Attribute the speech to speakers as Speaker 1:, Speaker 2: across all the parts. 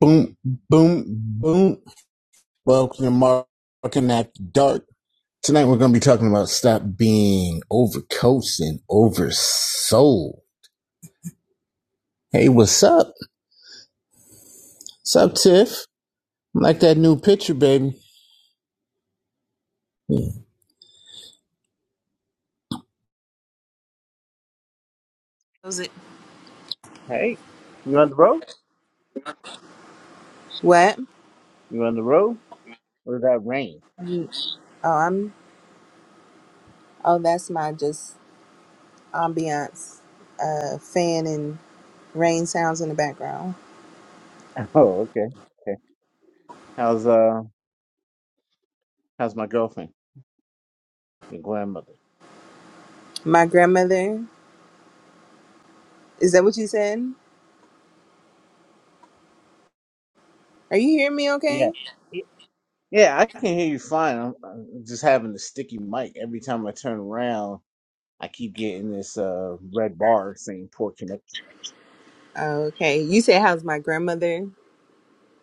Speaker 1: Boom, boom, boom. Welcome to Marking After Dark. Tonight we're going to be talking about stop being overcoached and oversold. Hey, what's up? What's up, Tiff? I Like that new picture, baby. Okay.
Speaker 2: Was it? What? You, oh, I'm. Oh, that's my just ambiance, uh, fan and rain sounds in the background.
Speaker 1: How's uh, how's my girlfriend, your grandmother?
Speaker 2: My grandmother. Is that what you said? Are you hearing me?
Speaker 1: Yeah,
Speaker 2: Okay.
Speaker 1: Y- yeah, I can hear you fine. I'm, I'm just having a sticky mic every time I turn around. I keep getting this uh red bar saying poor connection.
Speaker 2: Okay. You said how's my grandmother?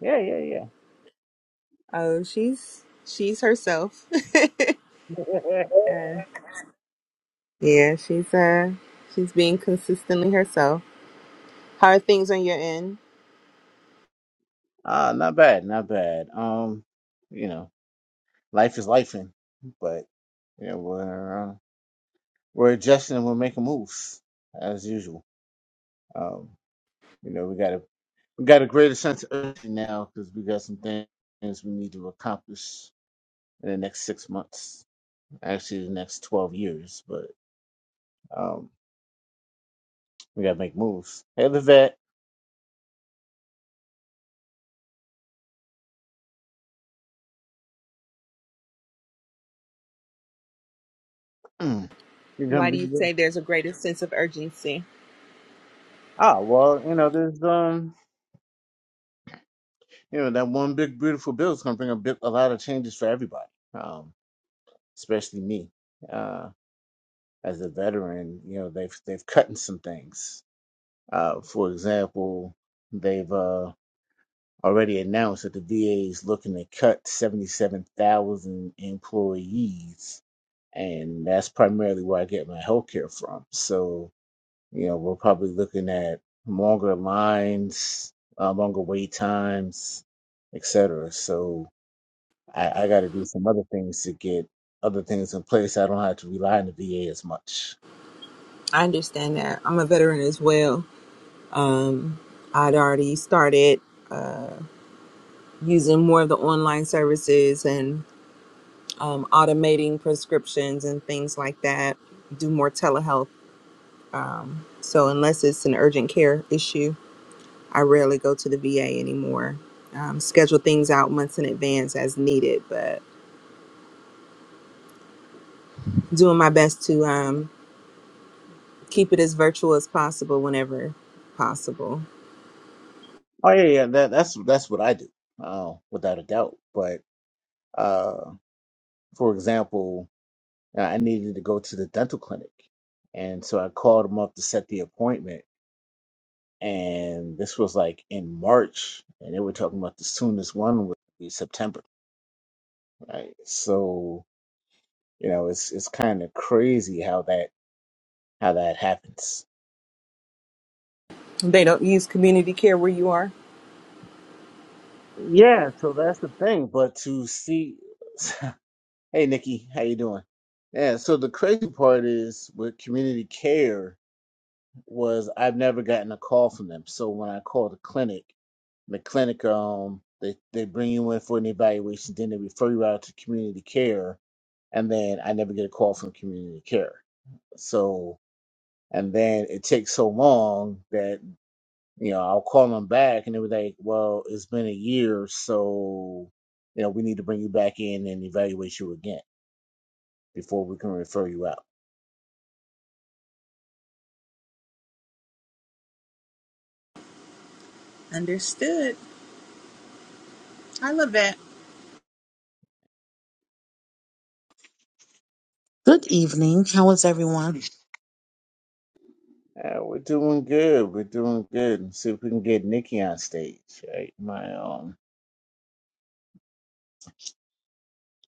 Speaker 1: Yeah, yeah,
Speaker 2: Oh, she's she's herself.
Speaker 1: yeah.
Speaker 2: Uh, yeah, she's uh she's being consistently herself. How are things on your end?
Speaker 1: Ah, not bad, not bad. Um, you know, life is life, but you know, we're uh, we're adjusting and we're making moves as usual. Um, you know, we got a we got a greater sense of urgency now because we got some things we need to accomplish in the next six months, actually the next twelve years. But um, we got to make moves. Hey, Levette, you're gonna
Speaker 2: Why do
Speaker 1: be
Speaker 2: you
Speaker 1: with-
Speaker 2: say there's a greater sense of urgency?
Speaker 1: ah well, you know, there's um, you know, that one big beautiful bill is gonna bring a big a lot of changes for everybody. Um. especially me uh, as a veteran. You know, they've they've cut in some things. Uh, for example, they've uh, already announced that the VA is looking to cut seventy seven thousand employees, and that's primarily where I get my healthcare from. So you know, we're probably looking at longer lines, uh, longer wait times, etc. So I, I got to do some other things to get other things in place. I don't have to rely on the VA as much.
Speaker 2: I understand that. I'm a veteran as well. Um, I'd already started uh, using more of the online services and um, automating prescriptions and things like that, do more telehealth. So, unless it's an urgent care issue, I rarely go to the VA anymore. Um, schedule things out months in advance as needed, but doing my best to um, keep it as virtual as possible whenever possible.
Speaker 1: Oh yeah, yeah, that, that's that's what I do, uh, without a doubt. But uh, for example, uh, I needed to go to the dental clinic, and so I called them up to set the appointment. And this was like in March, and they were talking about the soonest one would be September, right? So you know, it's it's kind of crazy how that how that happens
Speaker 2: They don't use community care where you are.
Speaker 1: Yeah, so that's the thing. But to see, hey Nikki, how you doing? Yeah, so the crazy part is with community care was I've never gotten a call from them. So when I call the clinic, the clinic um they they bring you in for an evaluation, then they refer you out to community care, and then I never get a call from community care. So and then it takes so long that you know, I'll call them back and they were like, well, it's been a year, so, you know, we need to bring you back in and evaluate you again before we can refer you out.
Speaker 2: Understood. I love that.
Speaker 3: Good evening. How is everyone?
Speaker 1: Yeah, we're doing good. We're doing good. see if we can get Nikki on stage, right? My, um,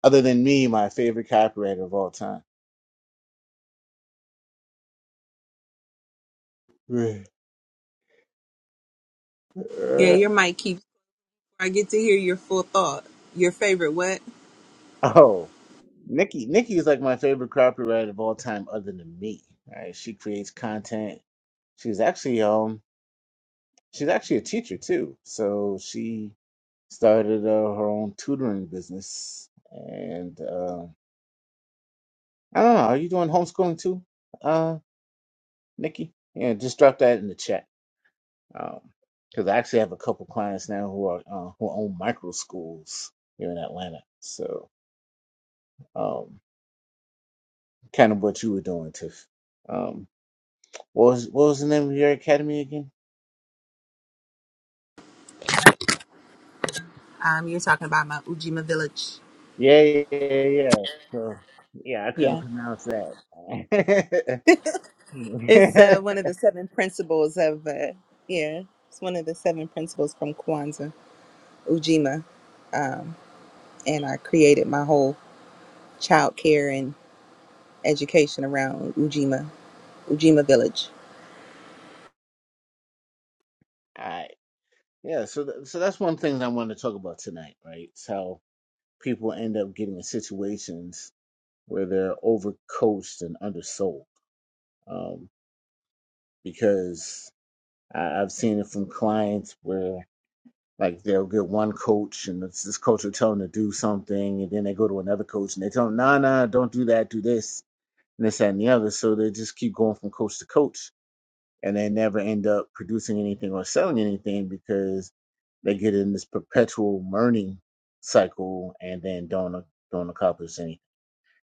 Speaker 1: other than me, my favorite copywriter of all time.
Speaker 2: Yeah, your mic keeps. I get to hear your full thought. Your favorite what?
Speaker 1: oh, Nikki, Nikki is like my favorite copywriter of all time, other than me. Right? She creates content. She's actually um, she's actually a teacher too. So she started uh, her own tutoring business. And uh, I don't know, are you doing homeschooling too, uh, Nikki? Yeah, just drop that in the chat. Because I actually have a couple clients now who are uh, who own micro schools here in Atlanta. So um, kind of what you were doing, Tiff. Um, what was what was the name of your academy again?
Speaker 2: Um, you're talking about my Ujima village.
Speaker 1: Yeah, yeah, yeah, yeah. So, yeah, I couldn't
Speaker 2: Yeah.
Speaker 1: pronounce that.
Speaker 2: It's uh, one of the seven principles of, uh, yeah, it's one of the seven principles from Kwanzaa, Ujima. Um, and I created my whole child care and education around Ujima, Ujima Village.
Speaker 1: All right. Yeah, so th- so that's one thing that I wanted to talk about tonight, right? It's how people end up getting in situations where they're overcoached and undersold. Um, because I- I've seen it from clients where like they'll get one coach and it's this coach will tell them to do something, and then they go to another coach and they tell them, "Nah, nah, don't do that, do this," and this that, and the other. So they just keep going from coach to coach and they never end up producing anything or selling anything because they get in this perpetual learning cycle and then don't don't accomplish anything.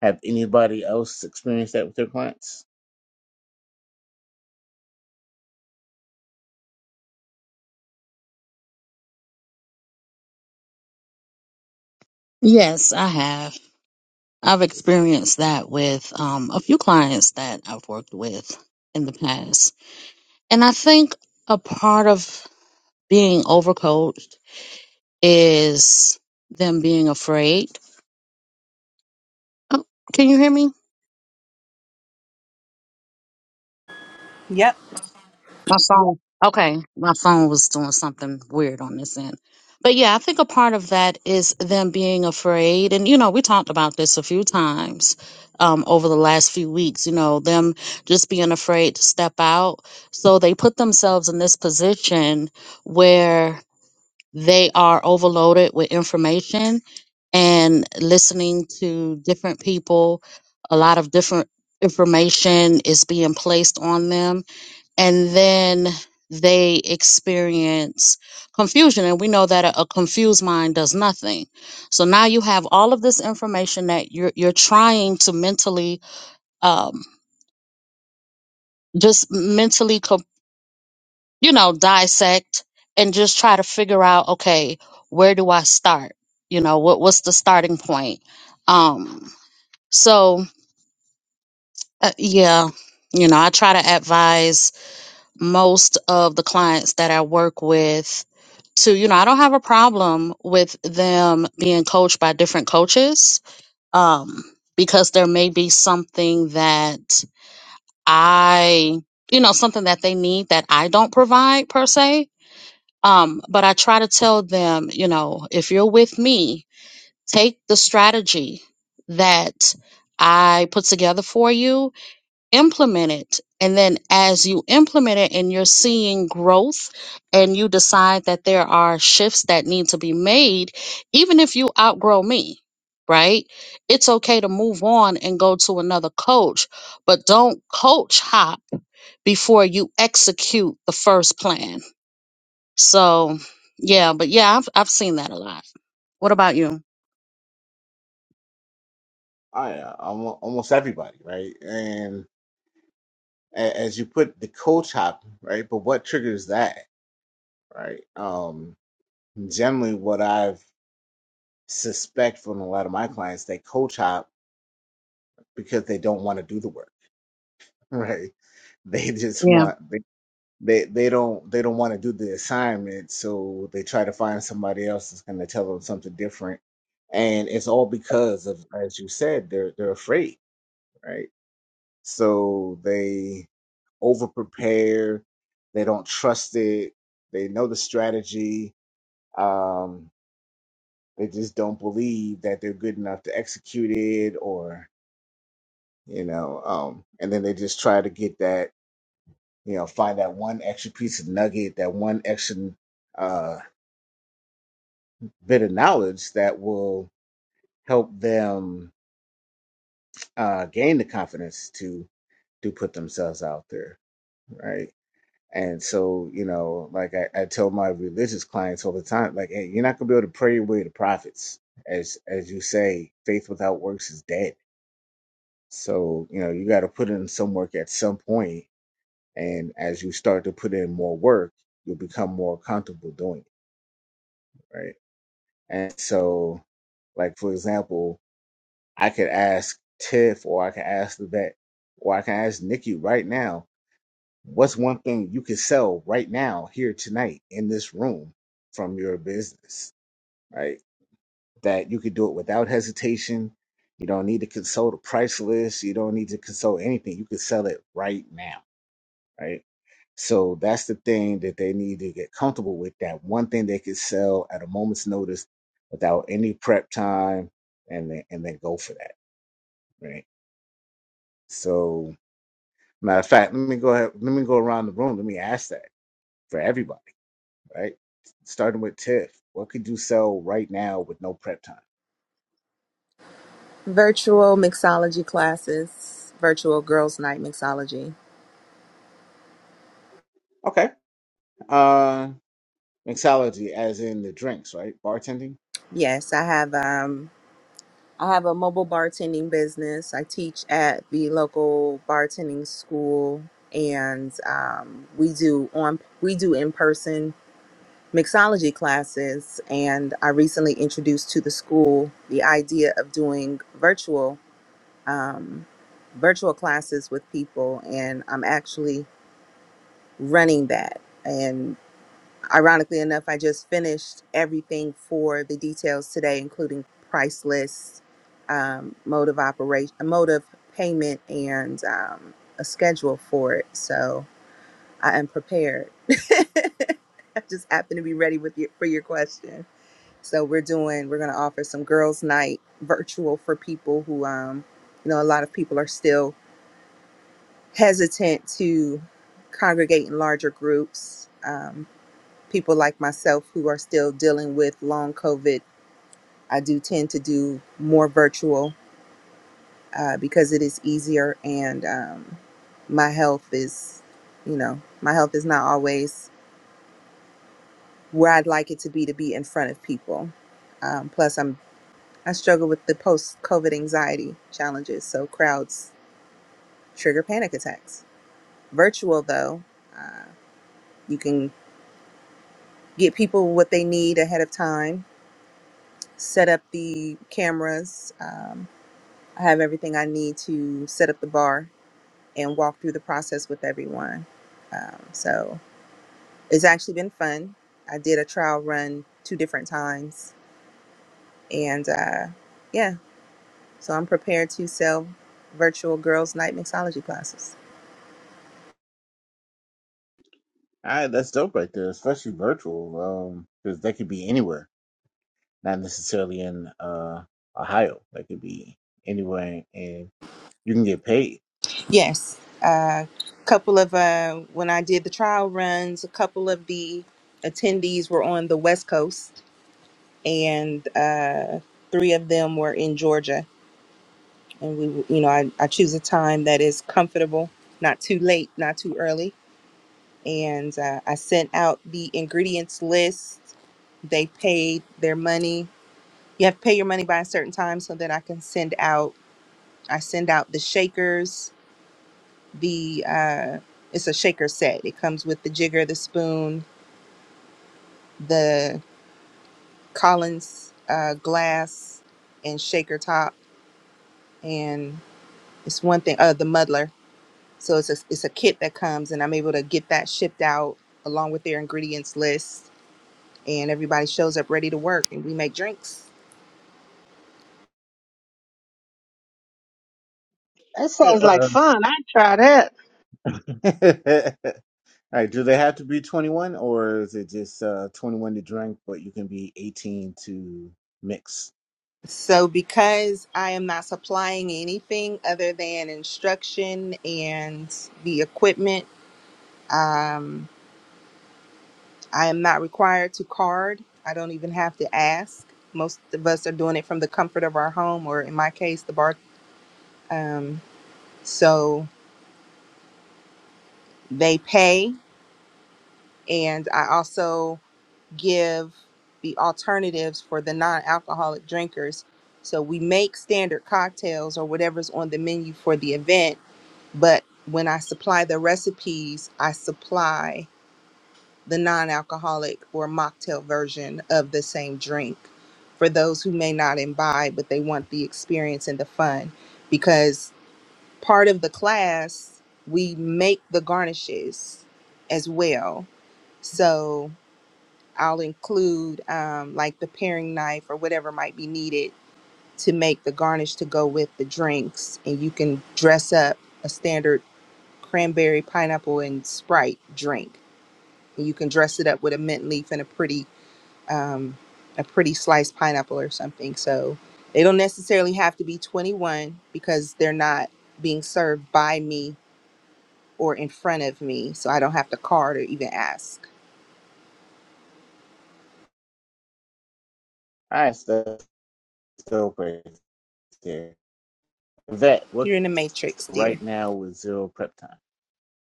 Speaker 1: Have anybody else experienced that with their clients?
Speaker 3: Yes, I have. I've experienced that with um, a few clients that I've worked with in the past. And I think a part of being overcoached is them being afraid. Oh, can you hear me?
Speaker 2: Yep.
Speaker 3: My phone. Okay, my phone was doing something weird on this end. But yeah, I think a part of that is them being afraid. And, you know, we talked about this a few times um, over the last few weeks, you know, them just being afraid to step out. So they put themselves in this position where they are overloaded with information and listening to different people. A lot of different information is being placed on them and then they experience confusion. And we know that a, a confused mind does nothing. So now you have all of this information that you're you're trying to mentally, um, just mentally, co- you know, dissect and just try to figure out, okay, where do I start? You know, what what's the starting point? Um, so uh, yeah, you know, I try to advise most of the clients that I work with to, you know, I don't have a problem with them being coached by different coaches um, because there may be something that I, you know, something that they need that I don't provide per se. Um, but I try to tell them, you know, if you're with me, take the strategy that I put together for you implement it and then as you implement it and you're seeing growth and you decide that there are shifts that need to be made even if you outgrow me right it's okay to move on and go to another coach but don't coach hop before you execute the first plan so yeah but yeah i've, I've seen that a lot what about you
Speaker 1: I uh, almo- almost everybody, right? And a- as you put the coach chop, right? But what triggers that, right? Um, generally, what I've suspect from a lot of my clients, they coach chop because they don't want to do the work, right? They just want they they don't they don't want to do the assignment, so they try to find somebody else that's going to tell them something different, and it's all because of, as you said, they're they're afraid, right? So they over prepare, they don't trust it, they know the strategy, um, they just don't believe that they're good enough to execute it, or you know, um, and then they just try to get that, you know, find that one extra piece of nugget, that one extra. uh bit of knowledge that will help them uh, gain the confidence to to put themselves out there, right? And so, you know, like I, I tell my religious clients all the time, like, hey, you're not gonna be able to pray your way to prophets, as as you say, faith without works is dead. So, you know, you got to put in some work at some point, and as you start to put in more work, you'll become more comfortable doing it, right? And so, like for example, I could ask Tiff or I can ask the vet or I can ask Nikki right now, what's one thing you could sell right now here tonight in this room from your business, right? That you could do it without hesitation. You don't need to consult a price list. You don't need to consult anything. You could sell it right now, right? So that's the thing that they need to get comfortable with. That one thing they could sell at a moment's notice without any prep time and then, and then go for that, right? So Matter of fact, let me go ahead, let me go around the room. Let me ask that for everybody, right? Starting with Tiff. What could you sell right now with no prep time?
Speaker 2: Virtual mixology classes, virtual girls' night mixology.
Speaker 1: Okay. Uh mixology as in the drinks, right? Bartending.
Speaker 2: Yes, I have. Um, I have a mobile bartending business. I teach at the local bartending school, and um, we do on we do in person mixology classes. And I recently introduced to the school the idea of doing virtual um, virtual classes with people, and I'm actually running that. Ironically enough, I just finished everything for the details today, including price list, um, mode of operation, mode of payment, and um, a schedule for it. So I am prepared. I just happen to be ready with you for your question. So we're doing. We're going to offer some girls' night virtual for people who, um, you know, a lot of people are still hesitant to congregate in larger groups. Um, people like myself who are still dealing with long COVID, I do tend to do more virtual uh, because it is easier and um, my health is, you know, my health is not always where I'd like it to be to be in front of people. Um, plus, I'm I struggle with the post COVID anxiety challenges, so crowds trigger panic attacks. Virtual though, uh, you can get people what they need ahead of time, set up the cameras. Um, I have everything I need to set up the bar and walk through the process with everyone. Um, so it's actually been fun. I did a trial run two different times, and uh, yeah, so I'm prepared to sell virtual girls' night mixology classes.
Speaker 1: All right, that's dope right there, especially virtual. Um, because they could be anywhere, not necessarily in uh Ohio. They could be anywhere and you can get paid.
Speaker 2: Yes, a couple of uh, when I did the trial runs, a couple of the attendees were on the West Coast, and uh, three of them were in Georgia and we you know I, I choose a time that is comfortable not too late not too early and uh, i sent out the ingredients list they paid their money you have to pay your money by a certain time so that i can send out i send out the shakers the uh, it's a shaker set it comes with the jigger the spoon the collins uh, glass and shaker top and it's one thing uh, the muddler So it's a, it's a kit that comes, and I'm able to get that shipped out along with their ingredients list, and everybody shows up ready to work, and we make drinks.
Speaker 4: That sounds like fun. I'd try that.
Speaker 1: Uh, All right, do they have to be 21 or is it just uh, 21 to drink, but you can be 18 to mix?
Speaker 2: So because I am not supplying anything other than instruction and the equipment, um, I am not required to card. I don't even have to ask. Most of us are doing it from the comfort of our home, or in my case, the bar. Um, so they pay, and I also give the alternatives for the non-alcoholic drinkers. So we make standard cocktails or whatever's on the menu for the event, but when I supply the recipes, I supply the non-alcoholic or mocktail version of the same drink for those who may not imbibe but they want the experience and the fun because part of the class we make the garnishes as well. So I'll include um, like the paring knife or whatever might be needed to make the garnish to go with the drinks. And you can dress up a standard cranberry, pineapple, and Sprite drink. And you can dress it up with a mint leaf and a pretty, um, a pretty sliced pineapple or something. So they don't necessarily have to be 21 because they're not being served by me or in front of me. So I don't have to card or even ask.
Speaker 1: All right, so that's dope right there. That what
Speaker 2: You're in the matrix, dear.
Speaker 1: right now with zero prep time?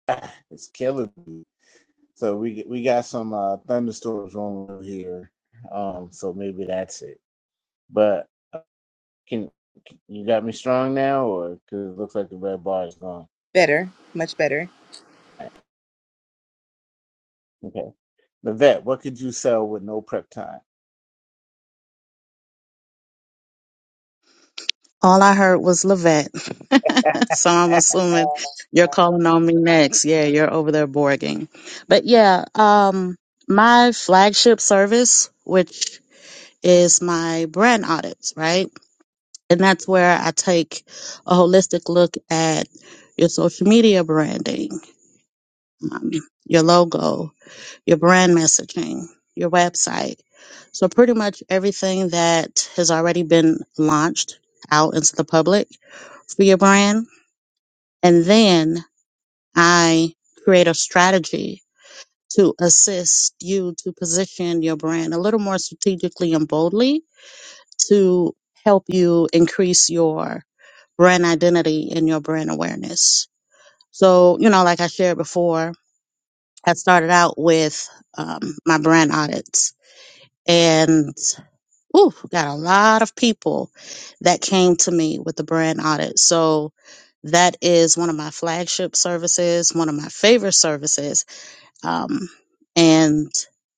Speaker 1: Ah, it's killing me. So we we got some uh, thunderstorms on here, um, so maybe that's it. But uh, can, you got me strong now, or because it looks like the red bar is gone?
Speaker 2: Better, much better.
Speaker 1: Okay, Vivette, what could you sell with no prep time?
Speaker 3: All I heard was Levette. so I'm assuming you're calling on me next. Yeah, you're over there borging. But yeah, um, my flagship service, which is my brand audits, right? And that's where I take a holistic look at your social media branding, um, your logo, your brand messaging, your website. So pretty much everything that has already been launched out into the public for your brand. And then I create a strategy to assist you to position your brand a little more strategically and boldly to help you increase your brand identity and your brand awareness. So, you know, like I shared before, I started out with um, my brand audits. And Ooh, got a lot of people that came to me with the brand audit. So that is one of my flagship services, one of my favorite services. Um, and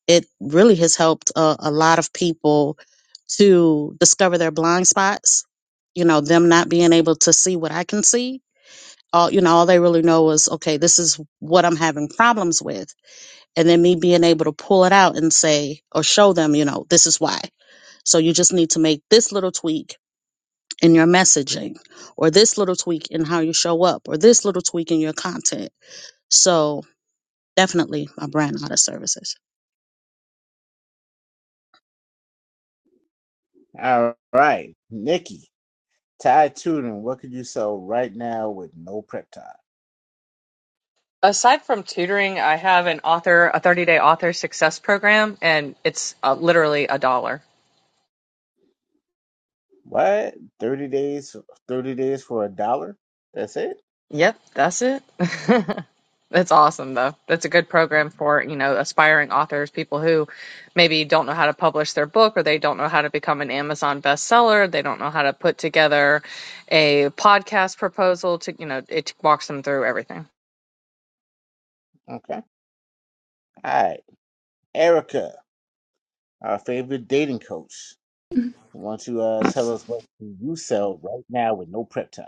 Speaker 3: it really has helped a, a lot of people to discover their blind spots, you know, them not being able to see what I can see. All, you know, all they really know is, okay, this is what I'm having problems with. And then me being able to pull it out and say, or show them, you know, this is why. So you just need to make this little tweak in your messaging, or this little tweak in how you show up, or this little tweak in your content. So definitely my brand audit services.
Speaker 1: All right, Nikki. Ty Tootin, what could you sell right now with no prep time?
Speaker 5: Aside from tutoring, I have an author, a 30 day author success program, and it's uh, literally a dollar.
Speaker 1: What? 30 days, 30 days for a dollar? That's it?
Speaker 5: Yep, that's it. That's awesome, though. That's a good program for, you know, aspiring authors, people who maybe don't know how to publish their book or they don't know how to become an Amazon bestseller. They don't know how to put together a podcast proposal to, you know, it walks them through everything.
Speaker 1: Okay. All right. Erica, our favorite dating coach. Want to uh, tell us what can you sell right now with no prep time?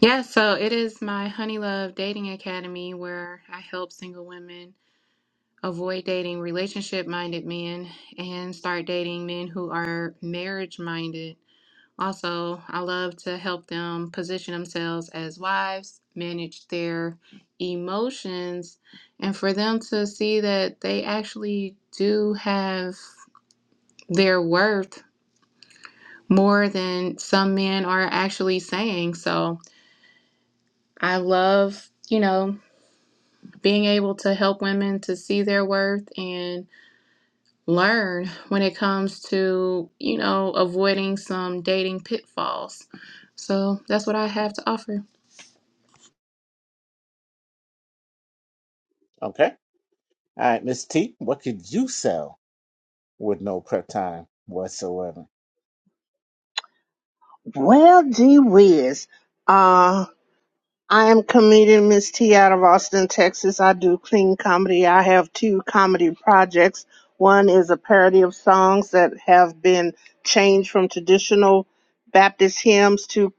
Speaker 6: Yeah, so it is my Honey Love Dating Academy where I help single women avoid dating relationship minded men and start dating men who are marriage minded. Also, I love to help them position themselves as wives, manage their emotions, and for them to see that they actually do have their worth more than some men are actually saying. So I love, you know. being able to help women to see their worth and learn when it comes to, you know, avoiding some dating pitfalls. So that's what I have to offer.
Speaker 1: Okay. All right, Miss T, what could you sell with no prep time whatsoever?
Speaker 4: Well, gee whiz. Uh, I am comedian Miss T out of Austin, Texas. I do clean comedy. I have two comedy projects. One is a parody of songs that have been changed from traditional Baptist hymns to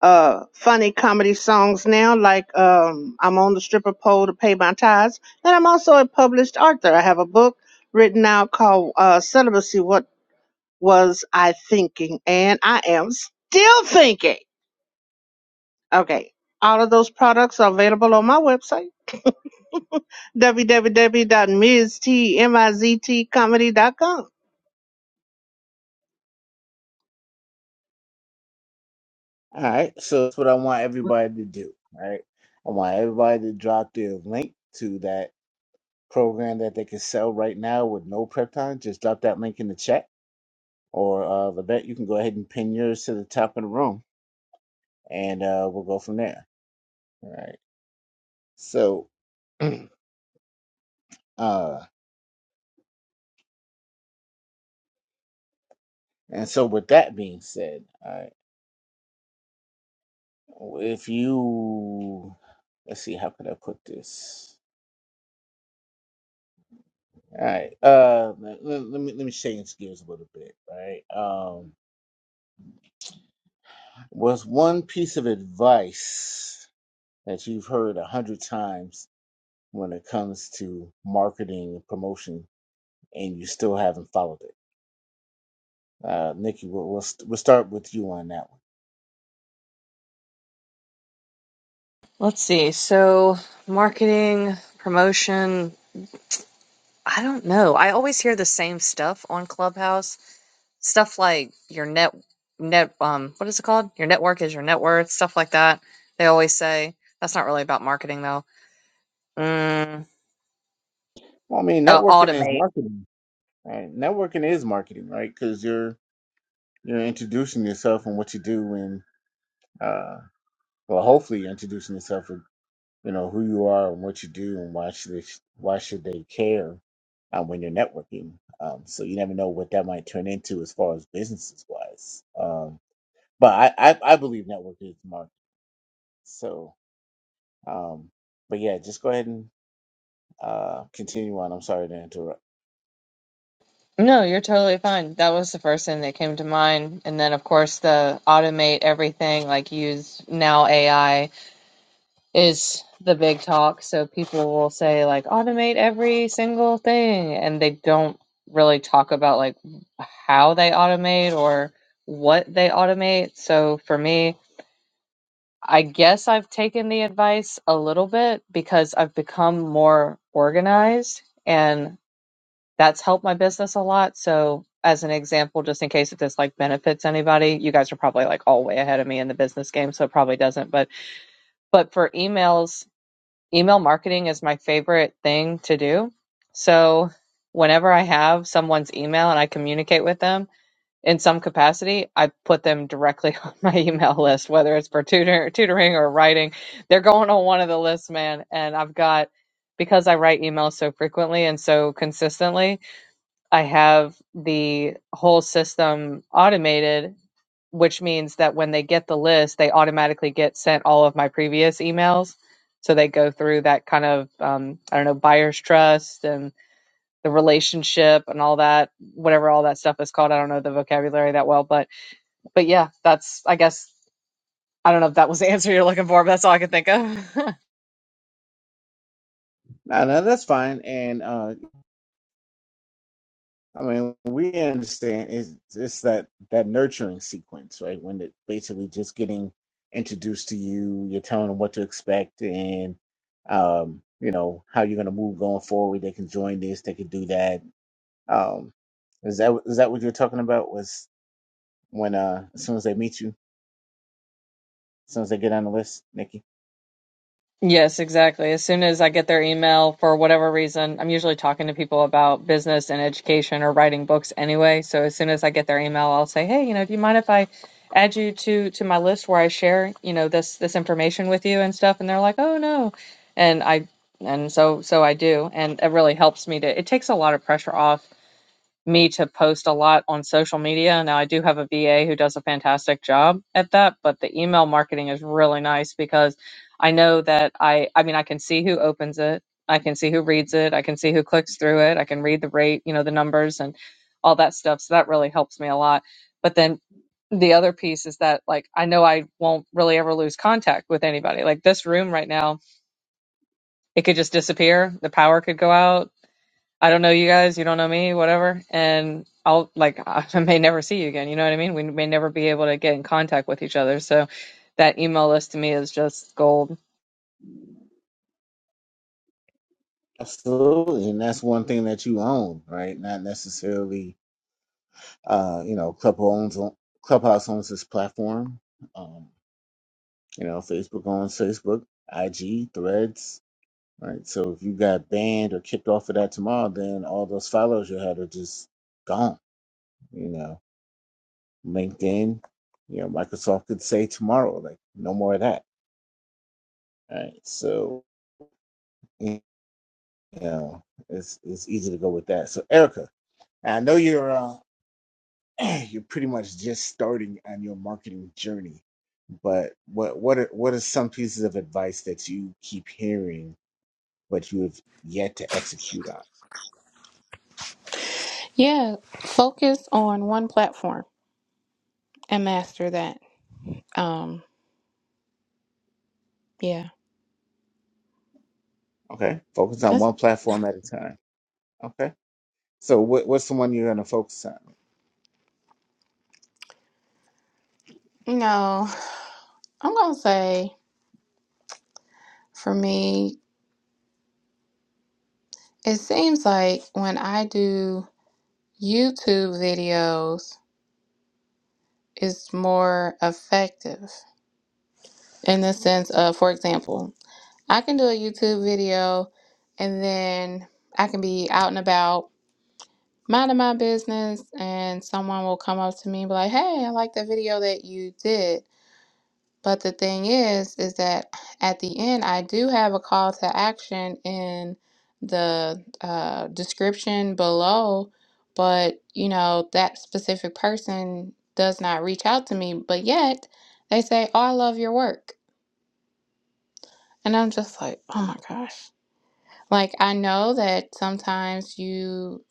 Speaker 4: uh, funny comedy songs now, like um, I'm on the stripper pole to pay my tithes. And I'm also a published author. I have a book written out called uh, Celibacy What was I thinking? And I am still thinking. Okay. All of those products are available on my website, www.miztmiztcomedy.com.
Speaker 1: All right. So that's what I want everybody to do. All right. I want everybody to drop their link to that program that they can sell right now with no prep time, just drop that link in the chat. Or uh, Levette, you can go ahead and pin yours to the top of the room, and uh, we'll go from there. All right. So, uh, and so with that being said, all right, if you let's see, how could I put this? All right. Uh, let, let me let me change gears a little bit. All right. Um, was one piece of advice that you've heard a hundred times when it comes to marketing and promotion, and you still haven't followed it. Uh, Nikki, we'll, we'll, st- we'll start with you on that one.
Speaker 5: Let's see. So, marketing, promotion, I don't know. I always hear the same stuff on Clubhouse stuff like your net net um what is it called your network is your net worth stuff like that they always say that's not really about marketing though mm,
Speaker 1: Well, I mean,
Speaker 5: uh,
Speaker 1: networking is
Speaker 5: automate
Speaker 1: marketing, right? Networking is marketing, right? Because you're you're introducing yourself and what you do, and uh, well, hopefully, you're introducing yourself with you know who you are and what you do, and why should they why should they care uh, when you're networking? Um, so you never know what that might turn into as far as businesses wise. Um, but I, I I believe networking is marketing, so. Um, but yeah, just go ahead and uh, continue on. I'm sorry to interrupt.
Speaker 5: No, you're totally fine. That was the first thing that came to mind. And then, of course, the automate everything, like use now AI, is the big talk. So people will say, like, automate every single thing. And they don't really talk about, like, how they automate or what they automate. So for me, I guess I've taken the advice a little bit because I've become more organized and that's helped my business a lot. So, as an example, just in case if this like benefits anybody, you guys are probably like all way ahead of me in the business game, so it probably doesn't. But but for emails, email marketing is my favorite thing to do. So, whenever I have someone's email and I communicate with them, in some capacity, I put them directly on my email list, whether it's for tutor, tutoring or writing. They're going on one of the lists, man. And I've got, because I write emails so frequently and so consistently, I have the whole system automated, which means that when they get the list, they automatically get sent all of my previous emails. So they go through that kind of, um, I don't know, buyer's trust and the relationship and all that, whatever all that stuff is called. I don't know the vocabulary that well, but but yeah, that's I guess I don't know if that was the answer you're looking for, but that's all I could think of.
Speaker 1: No, no, that's fine. And uh, I mean, we understand it's, it's that that nurturing sequence, right? When it basically just getting introduced to you, you're telling them what to expect, and um, you know how you're going to move going forward. They can join this, they can do that. Um, is that is that what you're talking about? Was when uh, as soon as they meet you, as soon as they get on the list, Nikki?
Speaker 5: yes, exactly. As soon as I get their email for whatever reason, I'm usually talking to people about business and education or writing books anyway. So as soon as I get their email, I'll say, "Hey, you know, do you mind if I add you to to my list where I share, you know, this this information with you and stuff?" And they're like, "Oh, no." And I and so so I do, and it really helps me to it takes a lot of pressure off me to post a lot on social media. Now, I do have a VA who does a fantastic job at that, but the email marketing is really nice because I know that I, I mean, I can see who opens it, I can see who reads it, I can see who clicks through it, I can read the rate, you know, the numbers and all that stuff. So that really helps me a lot. But then the other piece is that like I know I won't really ever lose contact with anybody. Like this room right now, it could just disappear. The power could go out. I don't know you guys, you don't know me, whatever. And I'll like I may never see you again. You know what I mean? We may never be able to get in contact with each other. So that email list to me is just gold.
Speaker 1: Absolutely, and that's one thing that you own, right? Not necessarily, uh, you know, Club owns Clubhouse owns this platform. Um, you know, Facebook owns Facebook, IG, Threads, right? So if you got banned or kicked off of that tomorrow, then all those followers you had are just gone. You know, LinkedIn, you know, Microsoft could say tomorrow, like, no more of that, right? So you know, it's it's easy to go with that. So Erica, I know you're. uh, you're pretty much just starting on your marketing journey. But what what are what are some pieces of advice that you keep hearing but you have yet to execute on?
Speaker 6: Yeah, focus on one platform and master that. Um, yeah.
Speaker 1: Okay, focus on
Speaker 6: That's
Speaker 1: one platform at a time. Okay, so what what's the one you're going to focus on?
Speaker 6: you know, I'm gonna say for me, it seems like when I do YouTube videos, it's more effective in the sense of, for example, I can do a YouTube video and then I can be out and about minding my business and someone will come up to me and be like, Hey, I like the video that you did. But the thing is, is that at the end, I do have a call to action in the uh, description below, but you know, that specific person does not reach out to me, but yet they say, Oh, I love your work. And I'm just like, Oh my gosh. Like, I know that sometimes you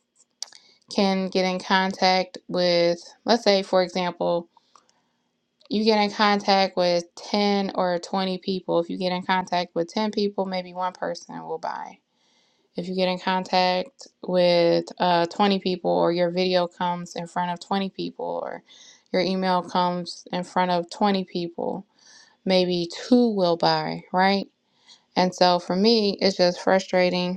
Speaker 6: can get in contact with, let's say, for example, you get in contact with 10 or 20 people. If you get in contact with 10 people, maybe one person will buy. If you get in contact with uh, 20 people, or your video comes in front of 20 people, or your email comes in front of 20 people, maybe two will buy, right? And so for me, it's just frustrating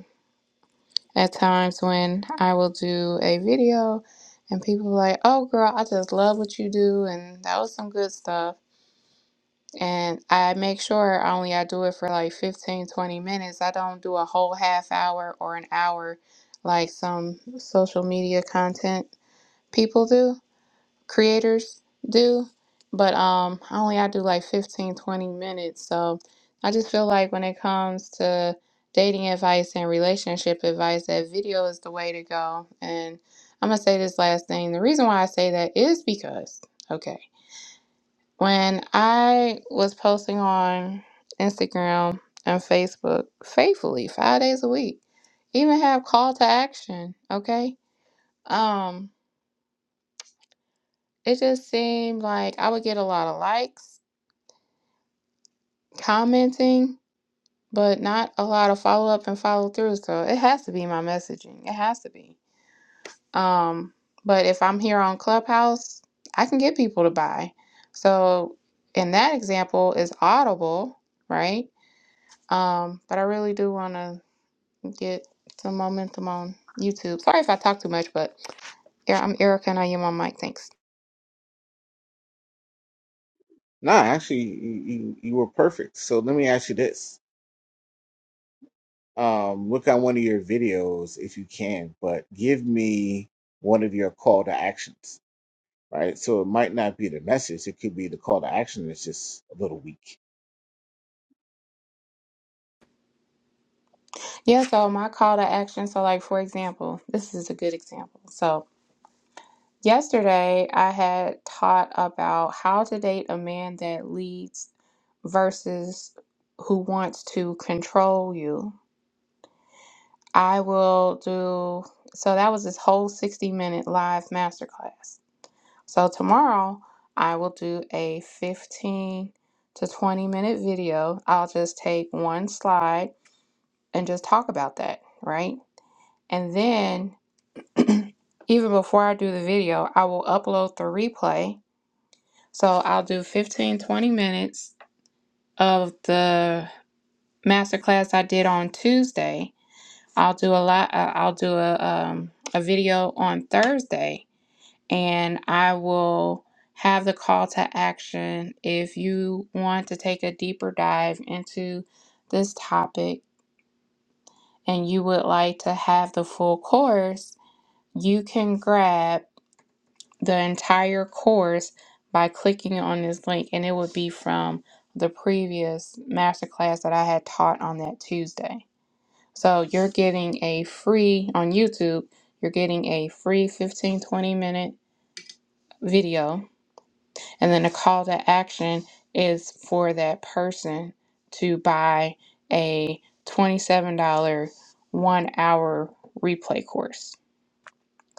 Speaker 6: at times when I will do a video and people are like, oh, girl, I just love what you do. And that was some good stuff. And I make sure only I do it for like 15, 20 minutes. I don't do a whole half hour or an hour like some social media content people do creators do but um I only i do like 15 20 minutes so i just feel like when it comes to dating advice and relationship advice that video is the way to go and i'm gonna say this last thing the reason why i say that is because okay when i was posting on instagram and facebook faithfully five days a week even have call to action okay um it just seemed like i would get a lot of likes commenting, but not a lot of follow up and follow through. So it has to be my messaging. It has to be. Um, but if I'm here on Clubhouse, I can get people to buy. So in that example is Audible, right? Um, but I really do want to get some momentum on YouTube. Sorry if I talk too much, but yeah, I'm Erica and I am on mic. Thanks.
Speaker 1: Nah, actually, you, you, you were perfect. So let me ask you this. Um, look at one of your videos if you can, but give me one of your call to actions, right? So it might not be the message, it could be the call to action that's just a little weak.
Speaker 6: Yeah, so my call to action. So, like for example, this is a good example. So, Yesterday, I had taught about how to date a man that leads versus who wants to control you. I will do so that was this whole 60 minute live masterclass. So tomorrow I will do a 15 to 20 minute video. I'll just take one slide and just talk about that, right? And then even before I do the video, I will upload the replay So I'll do 15 20 minutes of the masterclass I did on Tuesday. I'll do a lot. Uh, I'll do a um, a video on Thursday, and I will have the call to action if you want to take a deeper dive into this topic and you would like to have the full course. You can grab. the entire course by clicking on this link, and it would be from the previous masterclass that I had taught on that Tuesday. So you're getting a free on YouTube, you're getting a free 15 20 minute video, and then a call to action is for that person to buy a $27 one hour replay course.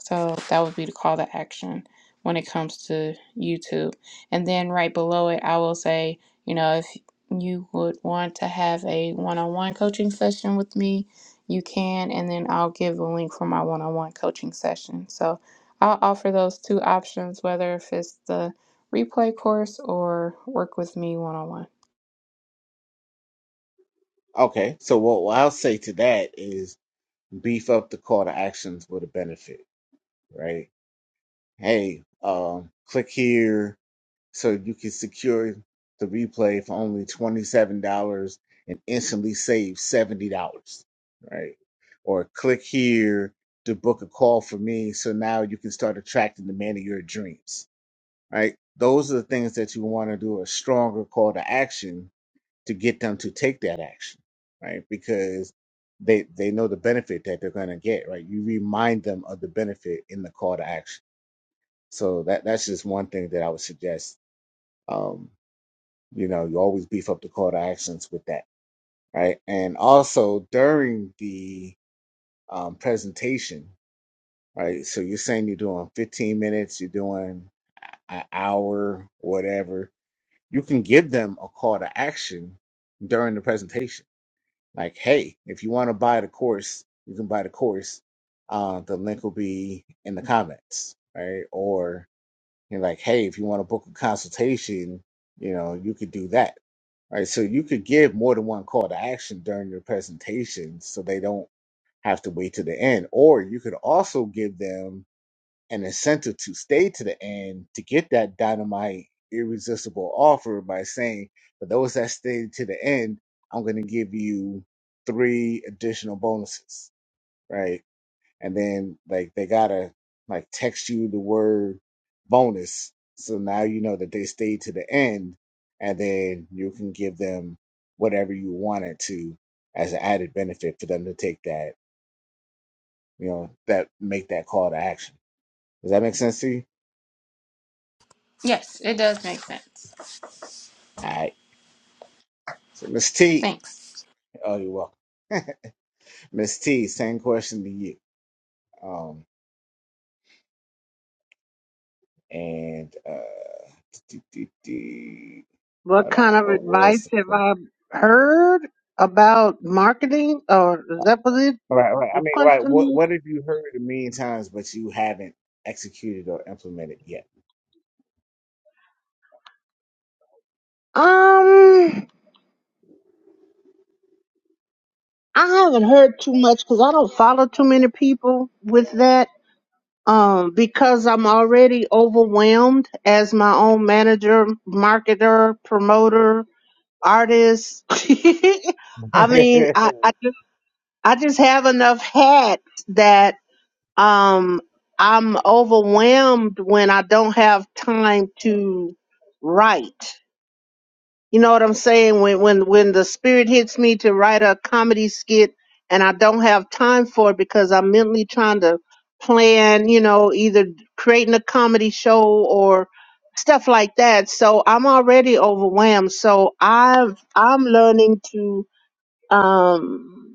Speaker 6: So that would be the call to action when it comes to YouTube. And then right below it, I will say, you know, if you would want to have a one on one coaching session with me, you can. And then I'll give a link for my one on one coaching session. So I'll offer those two options, whether if it's the replay course or work with me one on one.
Speaker 1: Okay, so what, what I'll say to that is beef up the call to actions with a benefit, right? Hey, um, click here, so you can secure the replay for only $27 and instantly save $70, right? Or click here to book a call for me so now you can start attracting the man of your dreams, right? Those are the things that you want to do a stronger call to action to get them to take that action, right? Because they they know the benefit that they're going to get, right? You remind them of the benefit in the call to action. So that that's just one thing that I would suggest. Um, you know, you always beef up the call to actions with that, right? And also during the um, presentation, right? So you're saying you're doing 15 minutes, you're doing an hour, whatever. You can give them a call to action during the presentation. Like, hey, if you want to buy the course, you can buy the course. Uh, the link will be in the comments, right? Or you're like, hey, if you want to book a consultation, you know, you could do that. Right. So you could give more than one call to action during your presentation so they don't have to wait to the end. Or you could also give them an incentive to stay to the end to get that dynamite irresistible offer by saying, for those that stay to the end, I'm going to give you three additional bonuses. Right and then like they gotta like text you the word bonus so now you know that they stayed to the end and then you can give them whatever you wanted to as an added benefit for them to take that you know that make that call to action does that make sense to you
Speaker 6: Yes, it does make sense.
Speaker 1: all right so miss t
Speaker 6: Thanks.
Speaker 1: oh you're welcome miss t same question to you um and uh
Speaker 4: What
Speaker 1: hold on
Speaker 4: kind of
Speaker 1: what
Speaker 4: advice
Speaker 1: was the question
Speaker 4: have I heard about marketing? Or is that what it,
Speaker 1: Right, right. I
Speaker 4: your
Speaker 1: mean, right.
Speaker 4: question
Speaker 1: What
Speaker 4: is?
Speaker 1: what have you heard a million times, but you haven't executed or implemented yet?
Speaker 4: Um, I haven't heard too much because I don't follow too many people with that. Um, because I'm already overwhelmed as my own manager, marketer, promoter, artist. I mean, I, I just I just have enough hats that. um i'm overwhelmed when i don't have time to write you know what i'm saying when when when the spirit hits me to write a comedy skit and i don't have time for it because i'm mentally trying to plan you know either creating a comedy show or stuff like that so i'm already overwhelmed so i've i'm learning to um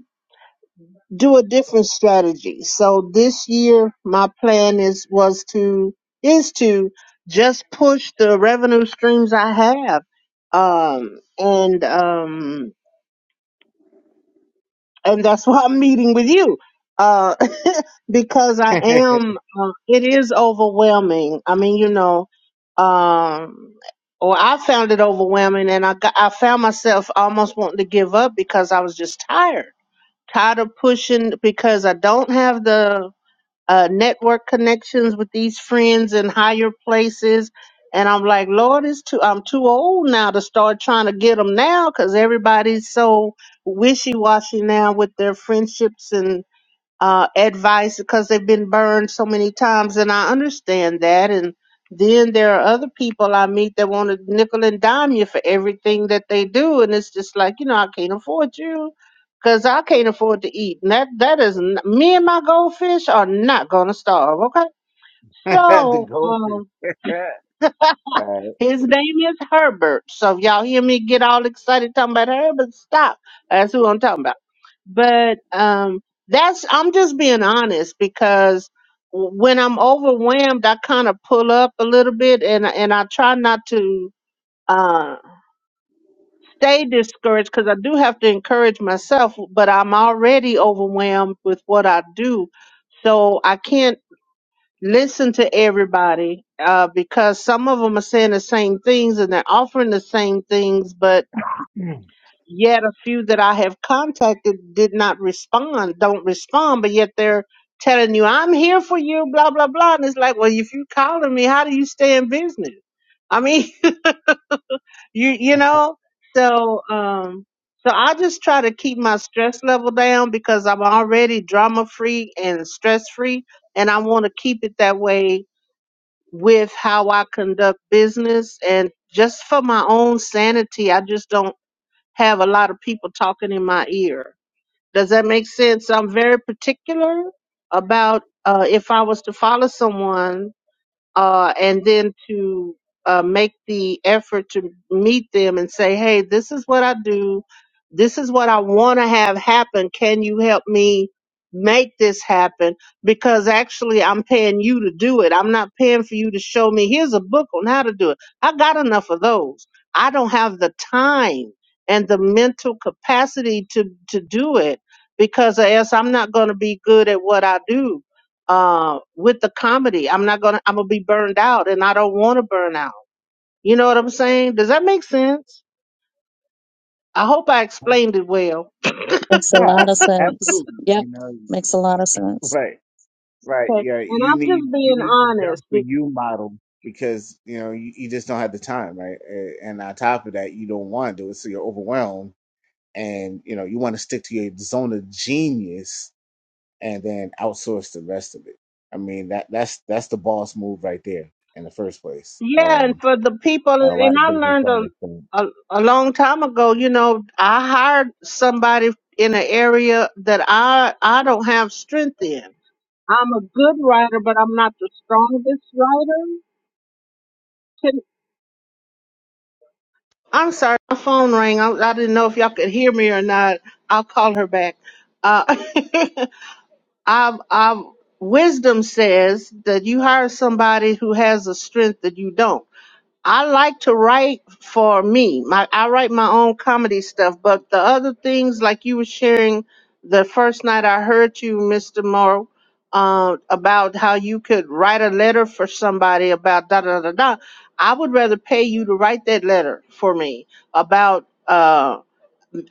Speaker 4: do a different strategy. So this year, my plan is was to is to just push the revenue streams I have, um, and um, and that's why I'm meeting with you, uh, because I am. Uh, it is overwhelming. I mean, you know, um, or I found it overwhelming, and I got, I found myself almost wanting to give up because I was just tired, tired of pushing because I don't have the uh, network connections with these friends in higher places. And I'm like, Lord, it's too, I'm too old now to start trying to get them now because everybody's so wishy washy now with their friendships and uh, advice because they've been burned so many times, and I understand that. And then there are other people I meet that want to nickel and dime you for everything that they do, and it's just like you know I can't afford you because I can't afford to eat. And that that is n- me and my goldfish are not gonna starve. Okay,
Speaker 1: the
Speaker 4: so um,
Speaker 1: goldfish. All right.
Speaker 4: his name is Herbert. So if y'all hear me get all excited talking about Herbert, stop. That's who I'm talking about. But um that's I'm just being honest because w- when I'm overwhelmed, I kind of pull up a little bit and and I try not to uh stay discouraged because I do have to encourage myself, but I'm already overwhelmed with what I do. So I can't listen to everybody uh, because some of them are saying the same things and they're offering the same things, but yet a few that I have contacted did not respond, don't respond, but yet they're telling you, I'm here for you, blah, blah, blah. And it's like, well, if you are calling me, how do you stay in business? I mean, you, you know, so, um, so I just try to keep my stress level down because I'm already drama free and stress free and I want to keep it that way with how I conduct business and just for my own sanity, I just don't have a lot of people talking in my ear. Does that make sense? I'm very particular about uh, if I was to follow someone, uh, and then to uh, make the effort to meet them and say, hey, this is what I do. This is what I want to have happen. Can you help me make this happen? Because actually, I'm paying you to do it. I'm not paying for you to show me, here's a book on how to do it. I got enough of those. I don't have the time and the mental capacity to, to do it because, or else I'm not going to be good at what I do uh, with the comedy. I'm not gonna. I'm gonna be burned out, and I don't want to burn out. You know what I'm saying? Does that make sense? I hope I explained it well.
Speaker 3: Makes a
Speaker 1: Yeah,
Speaker 3: lot of
Speaker 1: abso-
Speaker 3: sense.
Speaker 1: absolutely.
Speaker 3: Yep,
Speaker 1: You know,
Speaker 3: makes a lot of sense.
Speaker 1: right, right.
Speaker 4: Okay.
Speaker 1: Yeah,
Speaker 4: And
Speaker 1: you
Speaker 4: I'm just
Speaker 1: need you
Speaker 4: being
Speaker 1: need the done
Speaker 4: honest.
Speaker 1: for
Speaker 4: Be-
Speaker 1: you model because you know you, you just don't have the time, right? A- And on top of that, you don't want to do it, so you're overwhelmed, and you know you want to stick to your zone of genius and then outsource the rest of it. I mean that that's that's the boss move right there in the first place.
Speaker 4: Yeah, and
Speaker 1: Um,
Speaker 4: for the people,
Speaker 1: and a lot
Speaker 4: and
Speaker 1: of
Speaker 4: I
Speaker 1: business
Speaker 4: learned a,
Speaker 1: owners think,
Speaker 4: a a long time ago. You know, I hired somebody in an area that I I don't have strength in. I'm a good writer, but I'm not the strongest writer. I'm sorry, my phone rang. I, I didn't know if y'all could hear me or not. I'll call her back. Uh, i have I'm, wisdom says that you hire somebody who has a strength that you don't. I like to write for me. My I write my own comedy stuff, but the other things like you were sharing the first night I heard you, Mr. Morrow, uh, about how you could write a letter for somebody about da da da da. I would rather pay you to write that letter for me about. uh,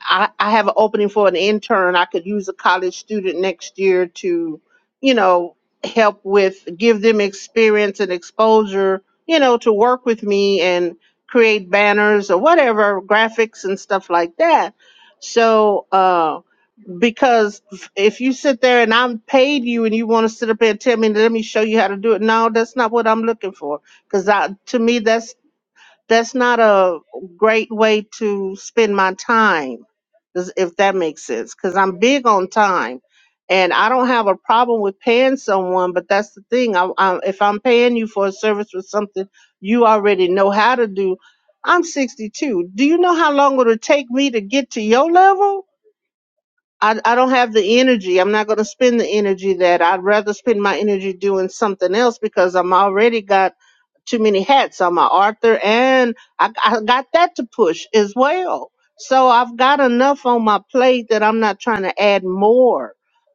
Speaker 4: I, I have an opening for an intern. I could use a college student next year to, you know, help with, give them experience and exposure, you know, to work with me and create banners or whatever, graphics and stuff like that. So, uh, because if you sit there and I'm paid you and you want to sit up there and tell me, let me show you how to do it. No, that's not what I'm looking for. Cause to me, that's that's not a great way to spend my time does- if that makes sense because i'm big on time and i don't have a problem with paying someone but that's the thing I, I, if i'm paying you for a service or something you already know how to do i'm 62 do you know how long it'll take me to get to your level i, I don't have the energy i'm not going to spend the energy that i'd rather spend my energy doing something else because i'm already got too many hats. I'm an author and I, I got that to push as well. So I've got enough on my plate that I'm not trying to add more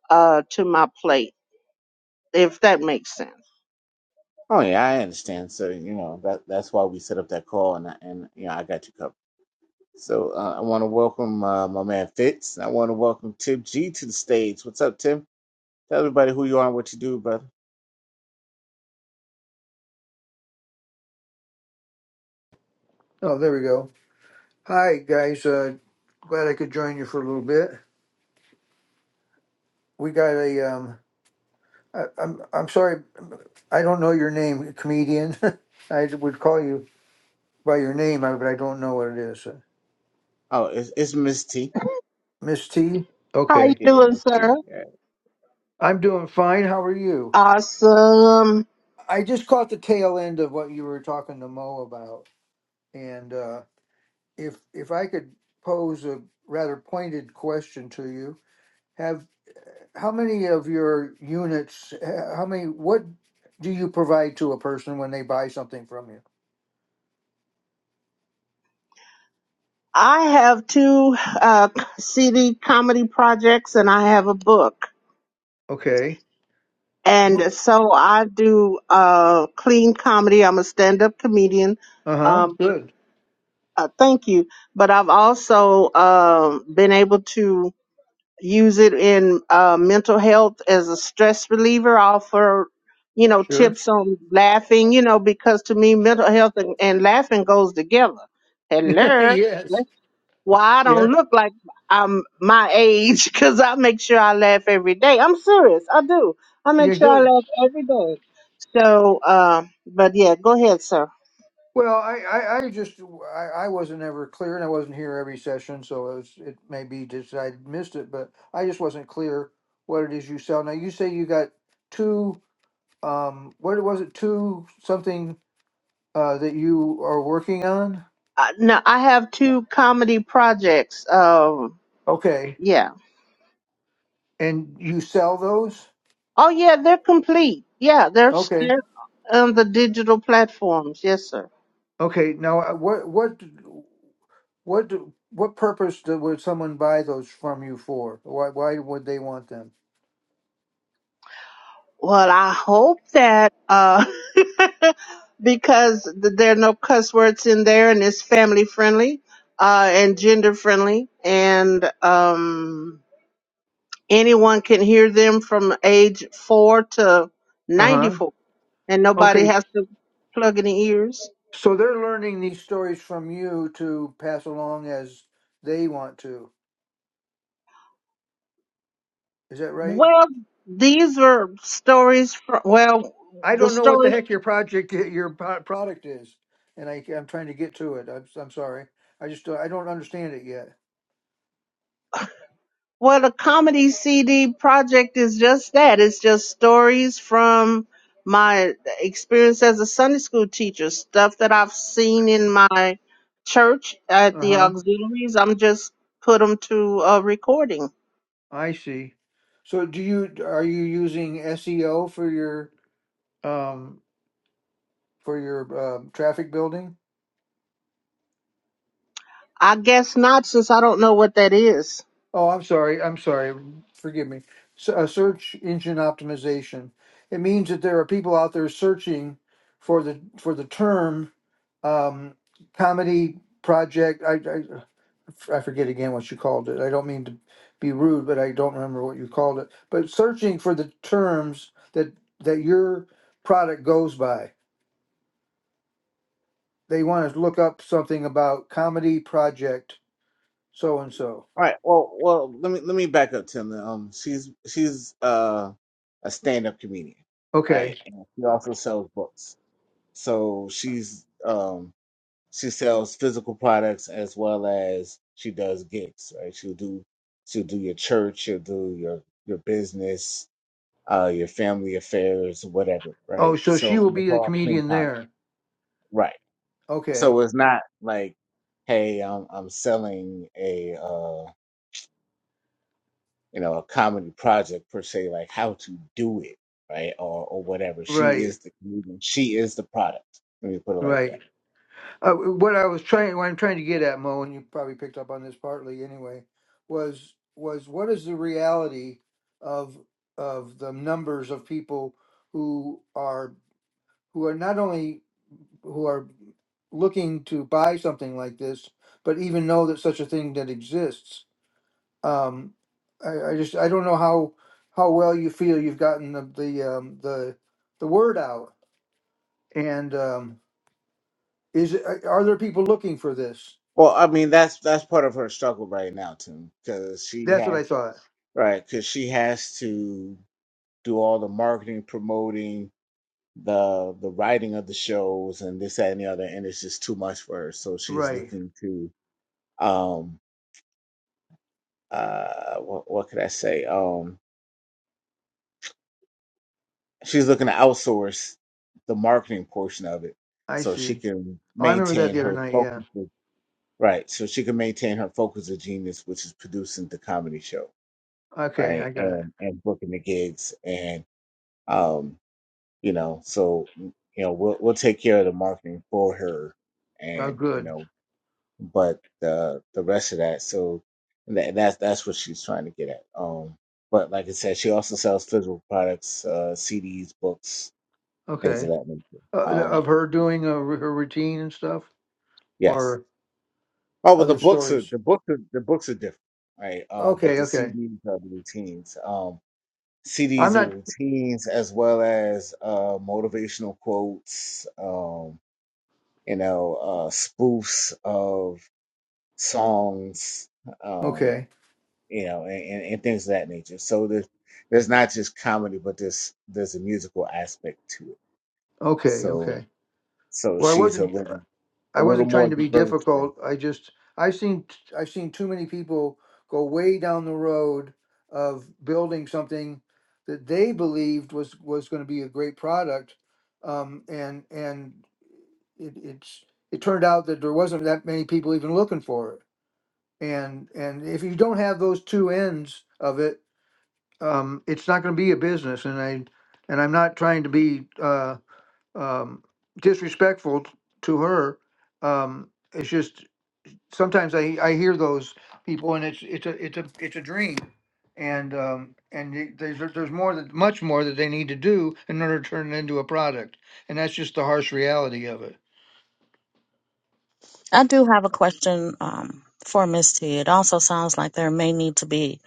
Speaker 4: uh, to my plate, if that makes sense.
Speaker 1: oh yeah, I understand. So you know that that's why we set up that call, and I- and you know I got you covered. So uh, I want to welcome uh, my man Fitz. and I want to welcome Tim G to the stage. What's up, Tim? Tell everybody who you are and what you do, brother.
Speaker 7: Oh, there we go. Hi, guys. Uh, glad I could join you for a little bit. We got a. Um, I, I'm I'm sorry, I don't know your name, comedian. I would call you by your name, I- but I don't know what it is.
Speaker 1: Oh, it's, it's Miss T.
Speaker 7: Miss T.
Speaker 4: How you
Speaker 7: Okay,
Speaker 1: Yeah,
Speaker 4: doing,
Speaker 1: Miss T.
Speaker 4: sir?
Speaker 1: Yeah.
Speaker 7: I'm doing fine. How are you?
Speaker 4: Awesome.
Speaker 7: I just caught the tail end of what you were talking to Mo about, and uh, if if I could pose a rather pointed question to you, have. how many of your units, h- how many, what do you provide to a person when they buy something from you?
Speaker 4: I have two uh, CD comedy projects and I have a book.
Speaker 7: Okay. Who?
Speaker 4: And so I do uh, clean comedy. I'm a stand up comedian.
Speaker 7: Uh huh.
Speaker 4: Um,
Speaker 7: Good.
Speaker 4: uh, thank you. But I've also um, been able to use it in uh, mental health as a stress reliever. I offer, you know,
Speaker 7: Sure.
Speaker 4: tips on laughing, you know, because to me, mental health and, and laughing goes together. Hello.
Speaker 7: yes.
Speaker 4: Well, I
Speaker 7: Yeah.
Speaker 4: don't look like I'm my age because I make sure I laugh every day. I'm serious. I do. I make
Speaker 7: Yeah.
Speaker 4: sure I
Speaker 7: Good.
Speaker 4: laugh every day. So, uh, but yeah, go ahead, sir.
Speaker 7: Well, I, I, I just, I, I wasn't ever clear and I wasn't here every session, so it was, it may be just I missed it, but I just wasn't clear what it is you sell. Now, you say you got two, um, what was it, two something, uh, that you are working on?
Speaker 4: Uh, no, I have two comedy projects. Um,
Speaker 7: Okay.
Speaker 4: yeah.
Speaker 7: And you sell those?
Speaker 4: Oh, yeah, they're complete. Yeah, they're
Speaker 7: Okay.
Speaker 4: still on the digital platforms. Yes, sir.
Speaker 7: Okay. Now, uh, what what what do- what purpose do, would someone buy those from you for? Why why would they want them?
Speaker 4: Well, I hope that uh because th- there are no cuss words in there and it's family friendly uh and gender friendly and um anyone can hear them from age 4 to
Speaker 7: Uh huh.
Speaker 4: 94 and nobody
Speaker 7: Okay.
Speaker 4: has to plug any ears.
Speaker 7: So they're learning these stories from you to pass along as they want to. Is that right?
Speaker 4: Well, these are stories from well,
Speaker 7: I
Speaker 4: the
Speaker 7: don't know what
Speaker 4: stories.
Speaker 7: the heck your project i- your po- product is, and I I'm trying to get to it. I'm I'm sorry. I just don't- I don't understand it yet.
Speaker 4: Well, the comedy CD project is just that. It's just stories from my experience as a Sunday school teacher, stuff that I've seen in my church at
Speaker 7: Uh
Speaker 4: the
Speaker 7: huh.
Speaker 4: auxiliaries. I'm just put them to a recording.
Speaker 7: I see. So do you are you using SEO for your um for your um traffic building?
Speaker 4: I guess not, since I don't know what that is.
Speaker 7: Oh, I'm sorry. I'm sorry. Forgive me. S uh, search engine optimization. It means that there are people out there searching for the for the term um comedy project. I, I I forget again what you called it. I don't mean to be rude, but I don't remember what you called it. But searching for the terms that that your product goes by they want us to look up something about comedy project so and so.
Speaker 1: All right. Well, well, let me let me back up, Tim. Um, she's she's uh a stand-up comedian,
Speaker 7: Okay.
Speaker 1: right? And she
Speaker 7: Uh,
Speaker 1: also sells books. So she's um she sells physical products as well as she does gigs, right? She'll do she'll do your church, she'll do your your business, uh, your family affairs, whatever,
Speaker 7: Oh,
Speaker 1: right?
Speaker 7: so she
Speaker 1: So
Speaker 7: will be
Speaker 1: it's
Speaker 7: the
Speaker 1: all clean
Speaker 7: comedian
Speaker 1: time,
Speaker 7: there.
Speaker 1: right?
Speaker 7: Okay.
Speaker 1: So it's not like, hey, I'm I'm selling a uh, you know a comedy project per se, like how to do it, right, or or whatever. She
Speaker 7: Right.
Speaker 1: is the comedian. She is the product. Let me put it like that.
Speaker 7: Right. Uh, what I was trying, what I'm trying to get at, Mo, and you probably picked up on this partly anyway, was was what is the reality of of the numbers of people who are who are not only who are looking to buy something like this, but even know that such a thing that exists Um, I, I just I don't know how how well you feel you've gotten the the um, the, the word out. And um, is it- are are there people looking for this?
Speaker 1: Well, I mean that's that's part of her struggle right now, too, because she
Speaker 7: That's what
Speaker 1: has
Speaker 7: I thought.
Speaker 1: right because she has to do all the marketing, promoting, the the writing of the shows and this that and the other and it's just too much for her so she's
Speaker 7: Right.
Speaker 1: looking to um uh what, what could i say um she's looking to outsource the marketing portion of it
Speaker 7: I
Speaker 1: so she
Speaker 7: see.
Speaker 1: can
Speaker 7: Oh, I remember that
Speaker 1: maintain
Speaker 7: the other
Speaker 1: her
Speaker 7: night. Yeah.
Speaker 1: focus of- right so she can maintain her focus of genius which is producing the comedy show
Speaker 7: Okay, I
Speaker 1: right
Speaker 7: got it.
Speaker 1: and and booking the gigs and um you know so you know we'll we'll take care of the marketing for her
Speaker 7: Oh,
Speaker 1: and you
Speaker 7: good.
Speaker 1: know but the the rest of that. So that, that's that's what she's trying to get at. Um, but like I said, she also sells physical products, uh, CDs, books, things of
Speaker 7: Okay.
Speaker 1: that nature.
Speaker 7: Uh, th-
Speaker 1: Um,
Speaker 7: of her doing uh, her routine and stuff,
Speaker 1: yes.
Speaker 7: or
Speaker 1: Oh, well, the
Speaker 7: other
Speaker 1: books are
Speaker 7: stories.
Speaker 1: the books are the books are different, right? Um, but
Speaker 7: Okay.
Speaker 1: the
Speaker 7: Okay.
Speaker 1: CDs are the routines. Um,
Speaker 7: I'm
Speaker 1: CDs are the
Speaker 7: not.
Speaker 1: routines as well as uh, motivational quotes. Um, you know, uh, spoofs of songs. Um,
Speaker 7: Okay.
Speaker 1: you know, and, and, and things of that nature. So there's there's not just comedy, but there's there's a musical aspect to it.
Speaker 7: Okay.
Speaker 1: So
Speaker 7: Okay.
Speaker 1: so
Speaker 7: Well, I
Speaker 1: she's a
Speaker 7: wasn't.
Speaker 1: little a
Speaker 7: I
Speaker 1: little
Speaker 7: wasn't
Speaker 1: more
Speaker 7: trying to be
Speaker 1: diverse than
Speaker 7: difficult. I just I've seen t- I've seen too many people go way down the road of building something that they believed was was going to be a great product, um, and and it, it's it turned out that there wasn't that many people even looking for it. And and if you don't have those two ends of it, um, it's not going to be a business. And I and I'm not trying to be. uh, um, disrespectful to her. Um, it's just sometimes I, I hear those people, and it's it's a it's a it's a dream, and um, and y- there's there's more that much more that they need to do in order to turn it into a product, and that's just the harsh reality of it.
Speaker 3: I do have a question um, for Miss T. It also sounds like there may need to be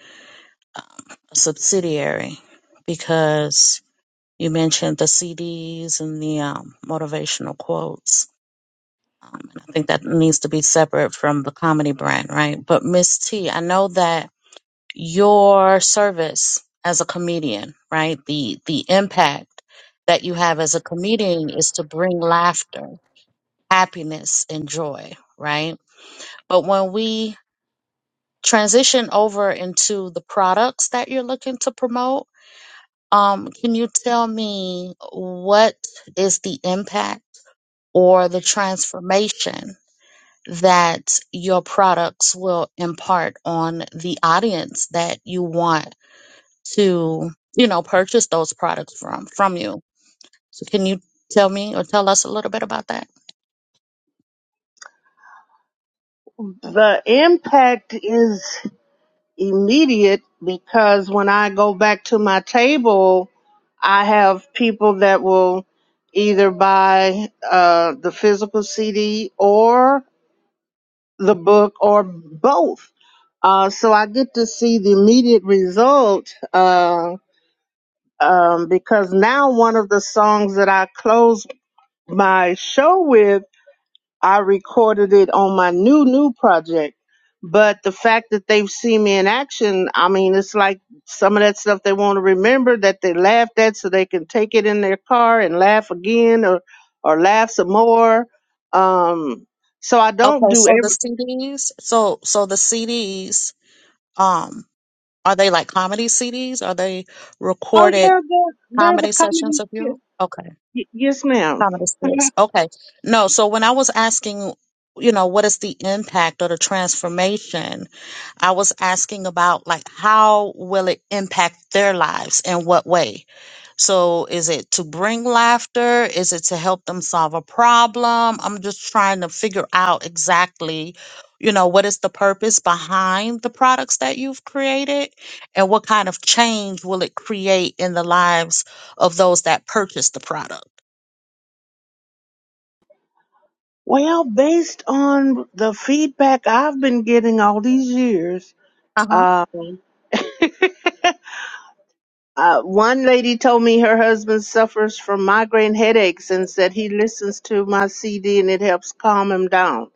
Speaker 3: um, a subsidiary because you mentioned the CDs and the um, motivational quotes. Um, and I think that needs to be separate from the comedy brand, right? But Miss T, I know that your service as a comedian, right? The the impact that you have as a comedian is to bring laughter, happiness, and joy, right? But when we transition over into the products that you're looking to promote, um, can you tell me what is the impact or the transformation? that your products will impart on the audience that you want to, you know, purchase those products from from you. So can you tell me or tell us a little bit about that?
Speaker 4: The impact is. immediate because when I go back to my table, I have people that will either buy uh, the physical CD or the book or both. Uh, so I get to see the immediate result uh, um, because now one of the songs that I close my show with I recorded it on my new new project. But the fact that they've seen me in action, I mean, it's like some of that stuff they want to remember that they laughed at, so they can take it in their car and laugh again or or laugh some more. Um, so I don't
Speaker 3: Okay,
Speaker 4: do
Speaker 3: so the
Speaker 4: every.
Speaker 3: CDs, so so the CDs, um, are they like comedy CDs? Are they
Speaker 4: Oh
Speaker 3: recorded
Speaker 4: yeah, there, there's a
Speaker 3: comedy
Speaker 4: comedy.
Speaker 3: sessions of you?
Speaker 4: Y- yes, ma'am.
Speaker 3: Some of the spirits. Okay. No, so when I was asking, you know, what is the impact or the transformation, I was asking about like how will it impact their lives in what way? So is it to bring laughter? Is it to help them solve a problem? I'm just trying to figure out exactly, you know, what is the purpose behind the products that you've created and what kind of change will it create in the lives of those that purchase the product?
Speaker 4: Well, based on the feedback I've been getting all these years, uh, Uh, one lady told me her husband suffers from migraine headaches and said he listens to my CD and it helps calm him down.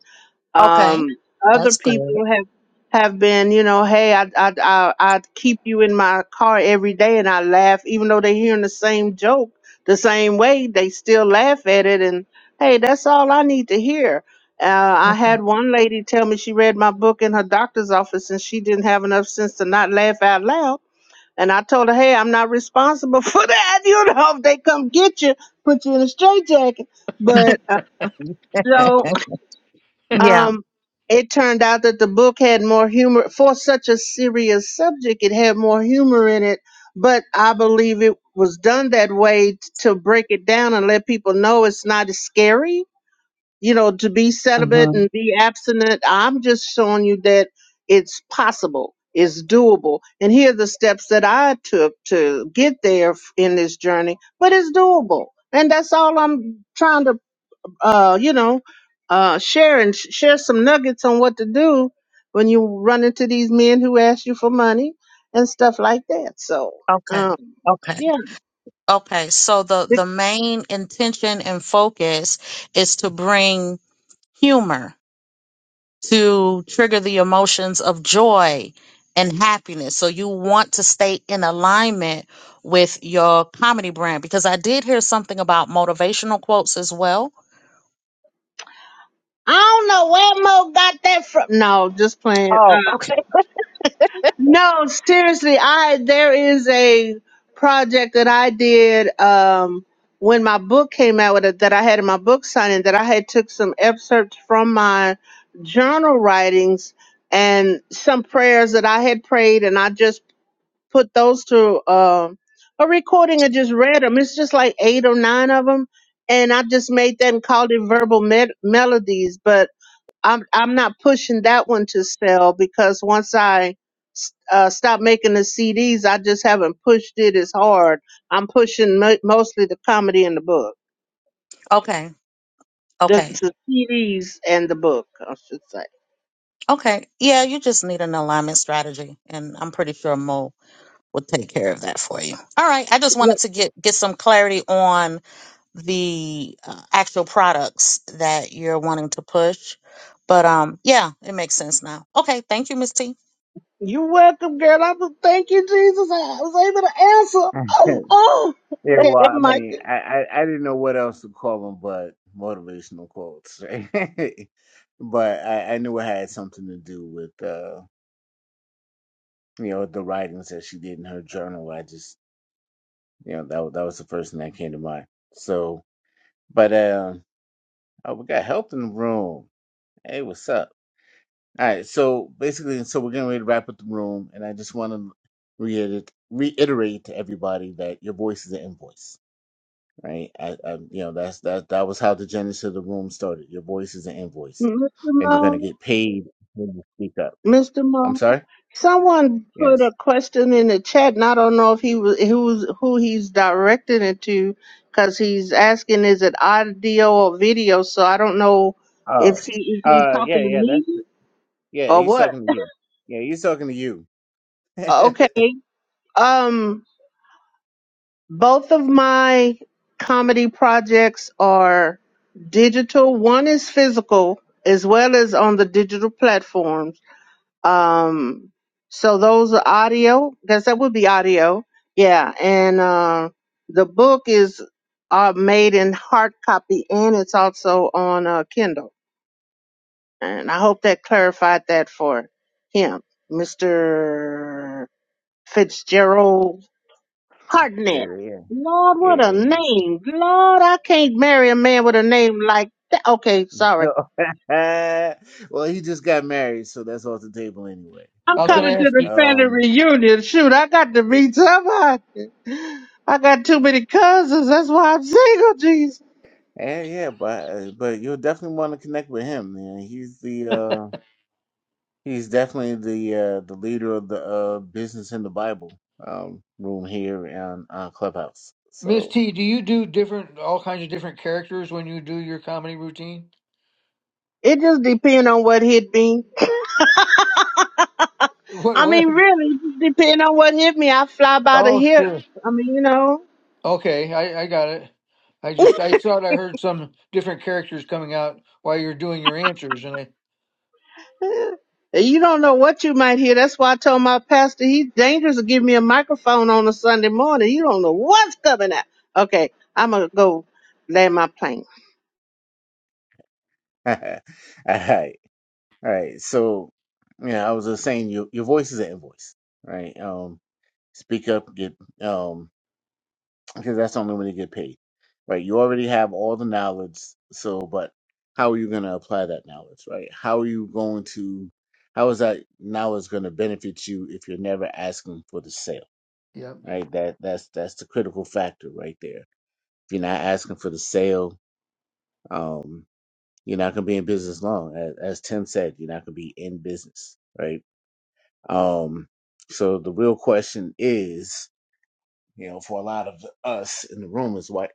Speaker 3: Okay.
Speaker 4: Um, other
Speaker 3: That's
Speaker 4: people
Speaker 3: good.
Speaker 4: have have been, you know, hey, I I I I keep you in my car every day and I laugh, even though they're hearing the same joke the same way, they still laugh at it. And hey, that's all I need to hear. Uh, I had one lady tell me she read my book in her doctor's office and she didn't have enough sense to not laugh out loud and I told her, hey, I'm not responsible for that. You know, if they come get you, put you in a straitjacket. But uh, so
Speaker 3: yeah.
Speaker 4: um, it turned out that the book had more humor for such a serious subject. It had more humor in it, but I believe it was done that way t- to break it down and let people know it's not as scary you know, to be celibate
Speaker 3: hmm
Speaker 4: and be abstinent. I'm just showing you that it's possible, it's doable. And here are the steps that I took to get there f- in this journey, but it's doable. And that's all I'm trying to, uh, you know, uh, share and sh- share some nuggets on what to do when you run into these men who ask you for money and stuff like that. So,
Speaker 3: Okay.
Speaker 4: um,
Speaker 3: Okay.
Speaker 4: yeah,
Speaker 3: Okay. So the the main intention and focus is to bring humor to trigger the emotions of joy and happiness. So you want to stay in alignment with your comedy brand because I did hear something about motivational quotes as well.
Speaker 4: I don't know where Mo got that from. No, just playing.
Speaker 3: Oh, okay.
Speaker 4: No, seriously, I there is a project that I did um when my book came out with it that I had in my book signing that I had took some excerpts from my journal writings and some prayers that I had prayed and I just put those to um a recording and just read them. It's just like eight or nine of them and I just made that and called it verbal med- melodies, but I'm I'm not pushing that one to sell because once I s- uh, stop making the CDs, I just haven't pushed it as hard. I'm pushing mo- mostly the comedy and the book,
Speaker 3: Okay.
Speaker 4: the,
Speaker 3: Okay.
Speaker 4: the CDs and the book, I should say.
Speaker 3: Okay. Yeah, you just need an alignment strategy and I'm pretty sure Mo will take care of that for you. All right, I just
Speaker 4: Yep.
Speaker 3: wanted to get get some clarity on the uh, actual products that you're wanting to push. But um yeah, it makes sense now. Okay, thank you, Miss T.
Speaker 4: You're welcome, girl. I was, thank you, Jesus. I was able to answer. Oh, oh.
Speaker 1: yeah.
Speaker 4: okay,
Speaker 1: Well, I
Speaker 4: I'm Micah.
Speaker 1: mean, I, I I didn't know what else to call them, but motivational quotes. right? but I, I knew it had something to do with uh you know the writings that she did in her journal. I just you know that wa- that was the first thing that came to mind. So, but um, oh, we got help in the room. Hey, what's up? All right, so basically, so we're getting ready to wrap up the room, and I just want to reiterate, reiterate to everybody that your voice is an invoice, right? I, I, you know, that's that that was how the genesis of the room started. Your voice is an invoice,
Speaker 4: Mr.
Speaker 1: and you're gonna
Speaker 4: Mo,
Speaker 1: get paid when you speak up.
Speaker 4: Mr.
Speaker 1: I'm
Speaker 4: Mo,
Speaker 1: sorry.
Speaker 4: someone put a
Speaker 1: Yes.
Speaker 4: question in the chat, and I don't know if he was who's who he's directing it to, because he's asking is it audio or video. So I don't know if
Speaker 1: Oh.
Speaker 4: he is he
Speaker 1: Uh.
Speaker 4: talking
Speaker 1: Yeah.
Speaker 4: to
Speaker 1: Yeah. That's.
Speaker 4: me
Speaker 1: Yeah.
Speaker 4: or
Speaker 1: He's
Speaker 4: what.
Speaker 1: talking to you. Yeah. He's talking to you. yeah.
Speaker 4: Okay, um, both of my comedy projects are digital. One is physical as well as on the digital platforms Um, so those are audio. Guess that would be audio. Yeah, and uh, the book is uh, made in hard copy, and it's also on uh, Kindle. And I hope that clarified that for him, Mister Fitzgerald Hartnett.
Speaker 1: Yeah.
Speaker 4: Lord, what a
Speaker 1: Yeah.
Speaker 4: name! Lord, I can't marry a man with a name like that. Okay, sorry.
Speaker 1: well, he just got married, so that's off the table anyway.
Speaker 4: I'm
Speaker 7: I was going
Speaker 4: coming
Speaker 7: to
Speaker 1: But
Speaker 4: to
Speaker 7: ask
Speaker 4: the
Speaker 7: you,
Speaker 4: family
Speaker 1: um,
Speaker 4: reunion. Shoot, I got to meet somebody. I got too many cousins. That's why I'm single, Jesus.
Speaker 1: yeah, yeah, but uh, but you'll definitely want to connect with him. Man. He's the uh, he's definitely the uh, the leader of the uh, business in the Bible um, room here on uh, Clubhouse.
Speaker 7: Miss
Speaker 1: So,
Speaker 7: T, do you do different all kinds of different characters when you do your comedy routine?
Speaker 4: It just depend on what hit me.
Speaker 7: What
Speaker 4: I
Speaker 7: what?
Speaker 4: mean, really, it just depend on what hit me. I fly by the
Speaker 7: Oh
Speaker 4: hip.
Speaker 7: sure.
Speaker 4: I mean, you know,
Speaker 7: Okay, I, I got it. I just I thought I heard some different characters coming out while you're doing your answers, and I
Speaker 4: you don't know what you might hear. That's why I told my pastor he's dangerous to give me a microphone on a Sunday morning. You don't know what's coming out. Okay, I'm gonna go land my plane.
Speaker 1: all right, all right. So, yeah, I was just saying, your your voice is an invoice, right? Um, speak up, get um because that's only when you get paid, right? You already have all the knowledge, so but how are you going to apply that knowledge, right? How are you going to, how is that knowledge going to benefit you if you're never asking for the sale,
Speaker 7: yep
Speaker 1: right? That that's that's the critical factor right there. If you're not asking for the sale, um, you're not going to be in business long. As, as Tim said, you're not going to be in business, right? Um, so the real question is You know, for a lot of us in the room is why,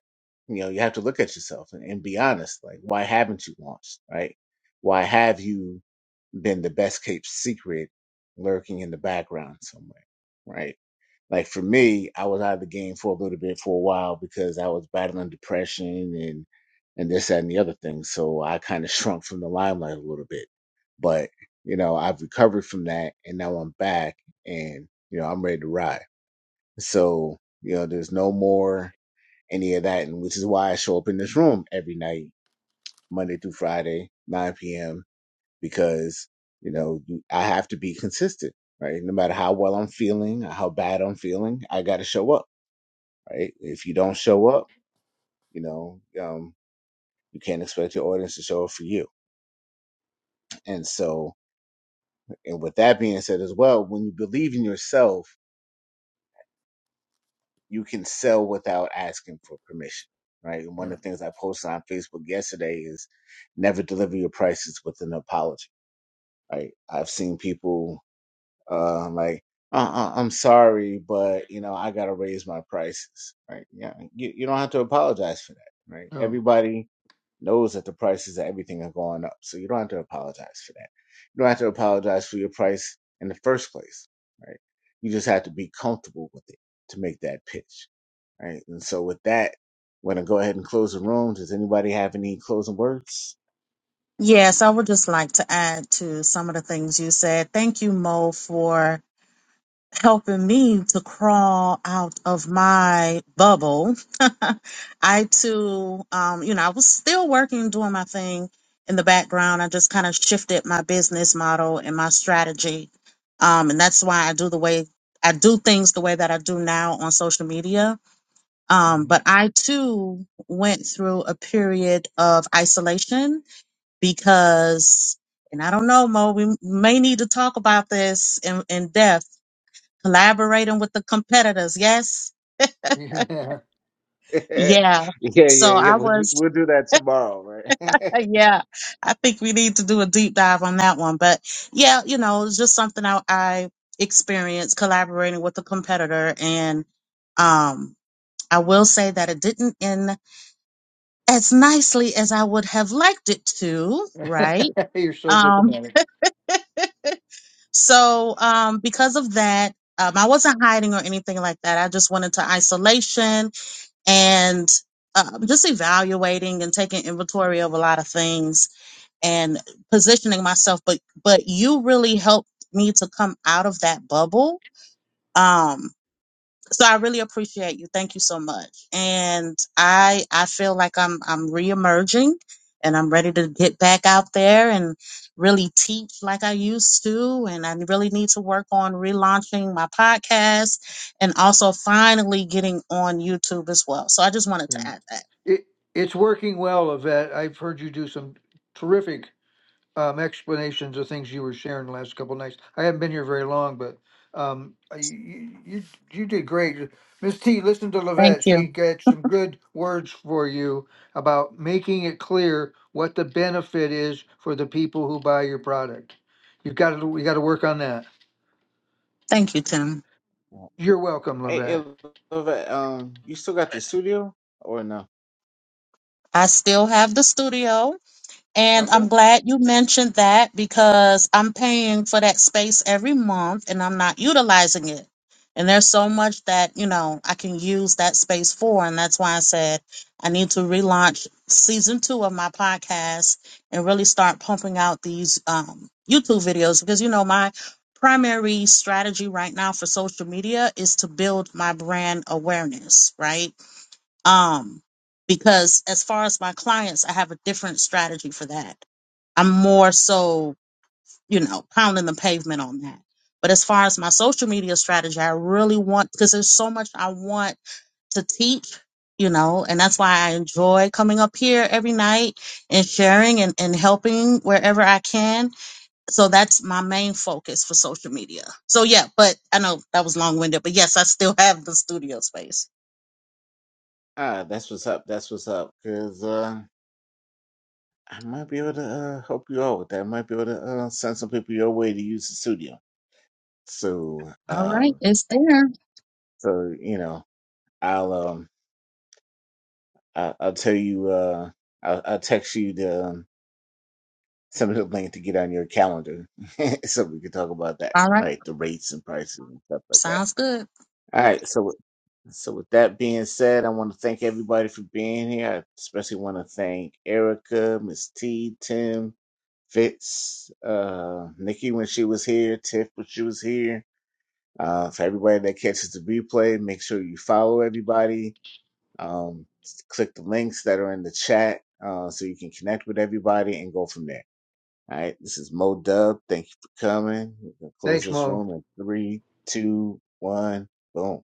Speaker 1: you know, you have to look at yourself and, and be honest. Like, why haven't you launched? Right? Why have you been the best kept secret lurking in the background somewhere? Right? Like for me, I was out of the game for a little bit for a while because I was battling depression and and this that, and the other thing. So I kind of shrunk from the limelight a little bit. But you know, I've recovered from that, and now I'm back, and you know, I'm ready to ride. So, you know, there's no more any of that. And which is why I show up in this room every night, Monday through Friday, 9 p.m., because, you know, I have to be consistent, right? No matter how well I'm feeling, how bad I'm feeling, I got to show up, right? If you don't show up, you know, um, you can't expect your audience to show up for you. And so, and with that being said as well, when you believe in yourself, you can sell without asking for permission, right? And one
Speaker 7: yeah
Speaker 1: of the things I posted on Facebook yesterday is never deliver your prices with an apology, right? I've seen people uh, like, uh, uh, I'm sorry, but you know I got to raise my prices, right? Yeah, you, you don't have to apologize for that, right?
Speaker 7: no
Speaker 1: Everybody knows that the prices of everything are going up. So you don't have to apologize for that. You don't have to apologize for your price in the first place, right? You just have to be comfortable with it to make that pitch, right? And so with that, we're gonna go ahead and close the room. Does anybody have any closing words?
Speaker 3: Yes, I would just like to add to some of the things you said. Thank you, Mo, for helping me to crawl out of my bubble. I too, um, you know, I was still working, doing my thing in the background. I just kind of shifted my business model and my strategy. Um, and that's why I do the way I do things the way that I do now on social media. Um,
Speaker 7: hmm
Speaker 3: but I too went through a period of isolation because, and I don't know, Mo, we may need to talk about this in, in depth collaborating with the competitors. Yes.
Speaker 7: yeah
Speaker 1: yeah,
Speaker 3: Yeah.
Speaker 1: yeah,
Speaker 3: So
Speaker 1: yeah.
Speaker 3: I
Speaker 1: We'll do,
Speaker 3: was,
Speaker 1: we'll do that tomorrow, right? hey,
Speaker 3: yeah, I think we need to do a deep dive on that one. But yeah, you know, it's just something I, I experienced collaborating with a competitor. And um, I will say that it didn't end as nicely as I would have liked it to, right?
Speaker 7: you're so
Speaker 3: Um,
Speaker 7: diplomatic.
Speaker 3: so um, because of that, um, I wasn't hiding or anything like that. I just went into isolation and um, just evaluating and taking inventory of a lot of things and positioning myself but but you really helped me to come out of that bubble Um, so I really appreciate you. Thank you so much. And I I feel like I'm I'm reemerging and I'm ready to get back out there and really teach like I used to. And I really need to work on relaunching my podcast and also finally getting on YouTube as well. So I just wanted
Speaker 7: Yeah.
Speaker 3: to add that.
Speaker 7: It it's working well, Yvette. I've heard you do some terrific um, explanations of things you were sharing the last couple nights. I haven't been here very long, but um, I- you, you you did great, Miss T. Listen to
Speaker 3: Thank
Speaker 7: Lavette; she
Speaker 3: you.
Speaker 7: got some good words for you about making it clear what the benefit is for the people who buy your product. You've got to we got to work on that.
Speaker 3: Thank you, Tim.
Speaker 7: You're welcome,
Speaker 1: hey,
Speaker 7: Lavette.
Speaker 1: Lova, um, you still got the studio or no?
Speaker 3: I still have the studio, and
Speaker 1: Okay.
Speaker 3: I'm glad you mentioned that because I'm paying for that space every month and I'm not utilizing it. And there's so much that, you know, I can use that space for. And that's why I said I need to relaunch season two of my podcast and really start pumping out these um, YouTube videos because, you know, my primary strategy right now for social media is to build my brand awareness, right? um because as far as my clients i have a different strategy for that i'm more so you know pounding the pavement on that but as far as my social media strategy i really want because there's so much i want to teach you know and that's why i enjoy coming up here every night and sharing and, and helping wherever i can so that's my main focus for social media so yeah but i know that was long-winded but yes i still have the studio space
Speaker 1: Ah, that's what's up. That's what's up. Cause uh I might be able to uh, help you out with that. I might be able to uh, send some people your way to use the studio. So,
Speaker 3: all right
Speaker 1: um,
Speaker 3: it's there
Speaker 1: so you know, I'll um, I, I'll tell you. Uh, I'll, I'll text you the um, some of the link to get on your calendar, so we can talk about that,
Speaker 3: All right.
Speaker 1: right? The rates and prices and stuff like that.
Speaker 3: Sounds good.
Speaker 1: All right. So, with- so with that being said, I want to thank everybody for being here. I especially want to thank Erica, Miss T, Tim, Fitz, uh, Nikki when she was here, Tiff when she was here. Uh, for everybody that catches the replay, make sure you follow everybody. Um, click the links that are in the chat uh, so you can connect with everybody and go from there. All right, this is Mo Dub. Thank you for coming. We're gonna close
Speaker 7: Thanks,
Speaker 1: this
Speaker 7: Mo.
Speaker 1: room in three, two, one, boom.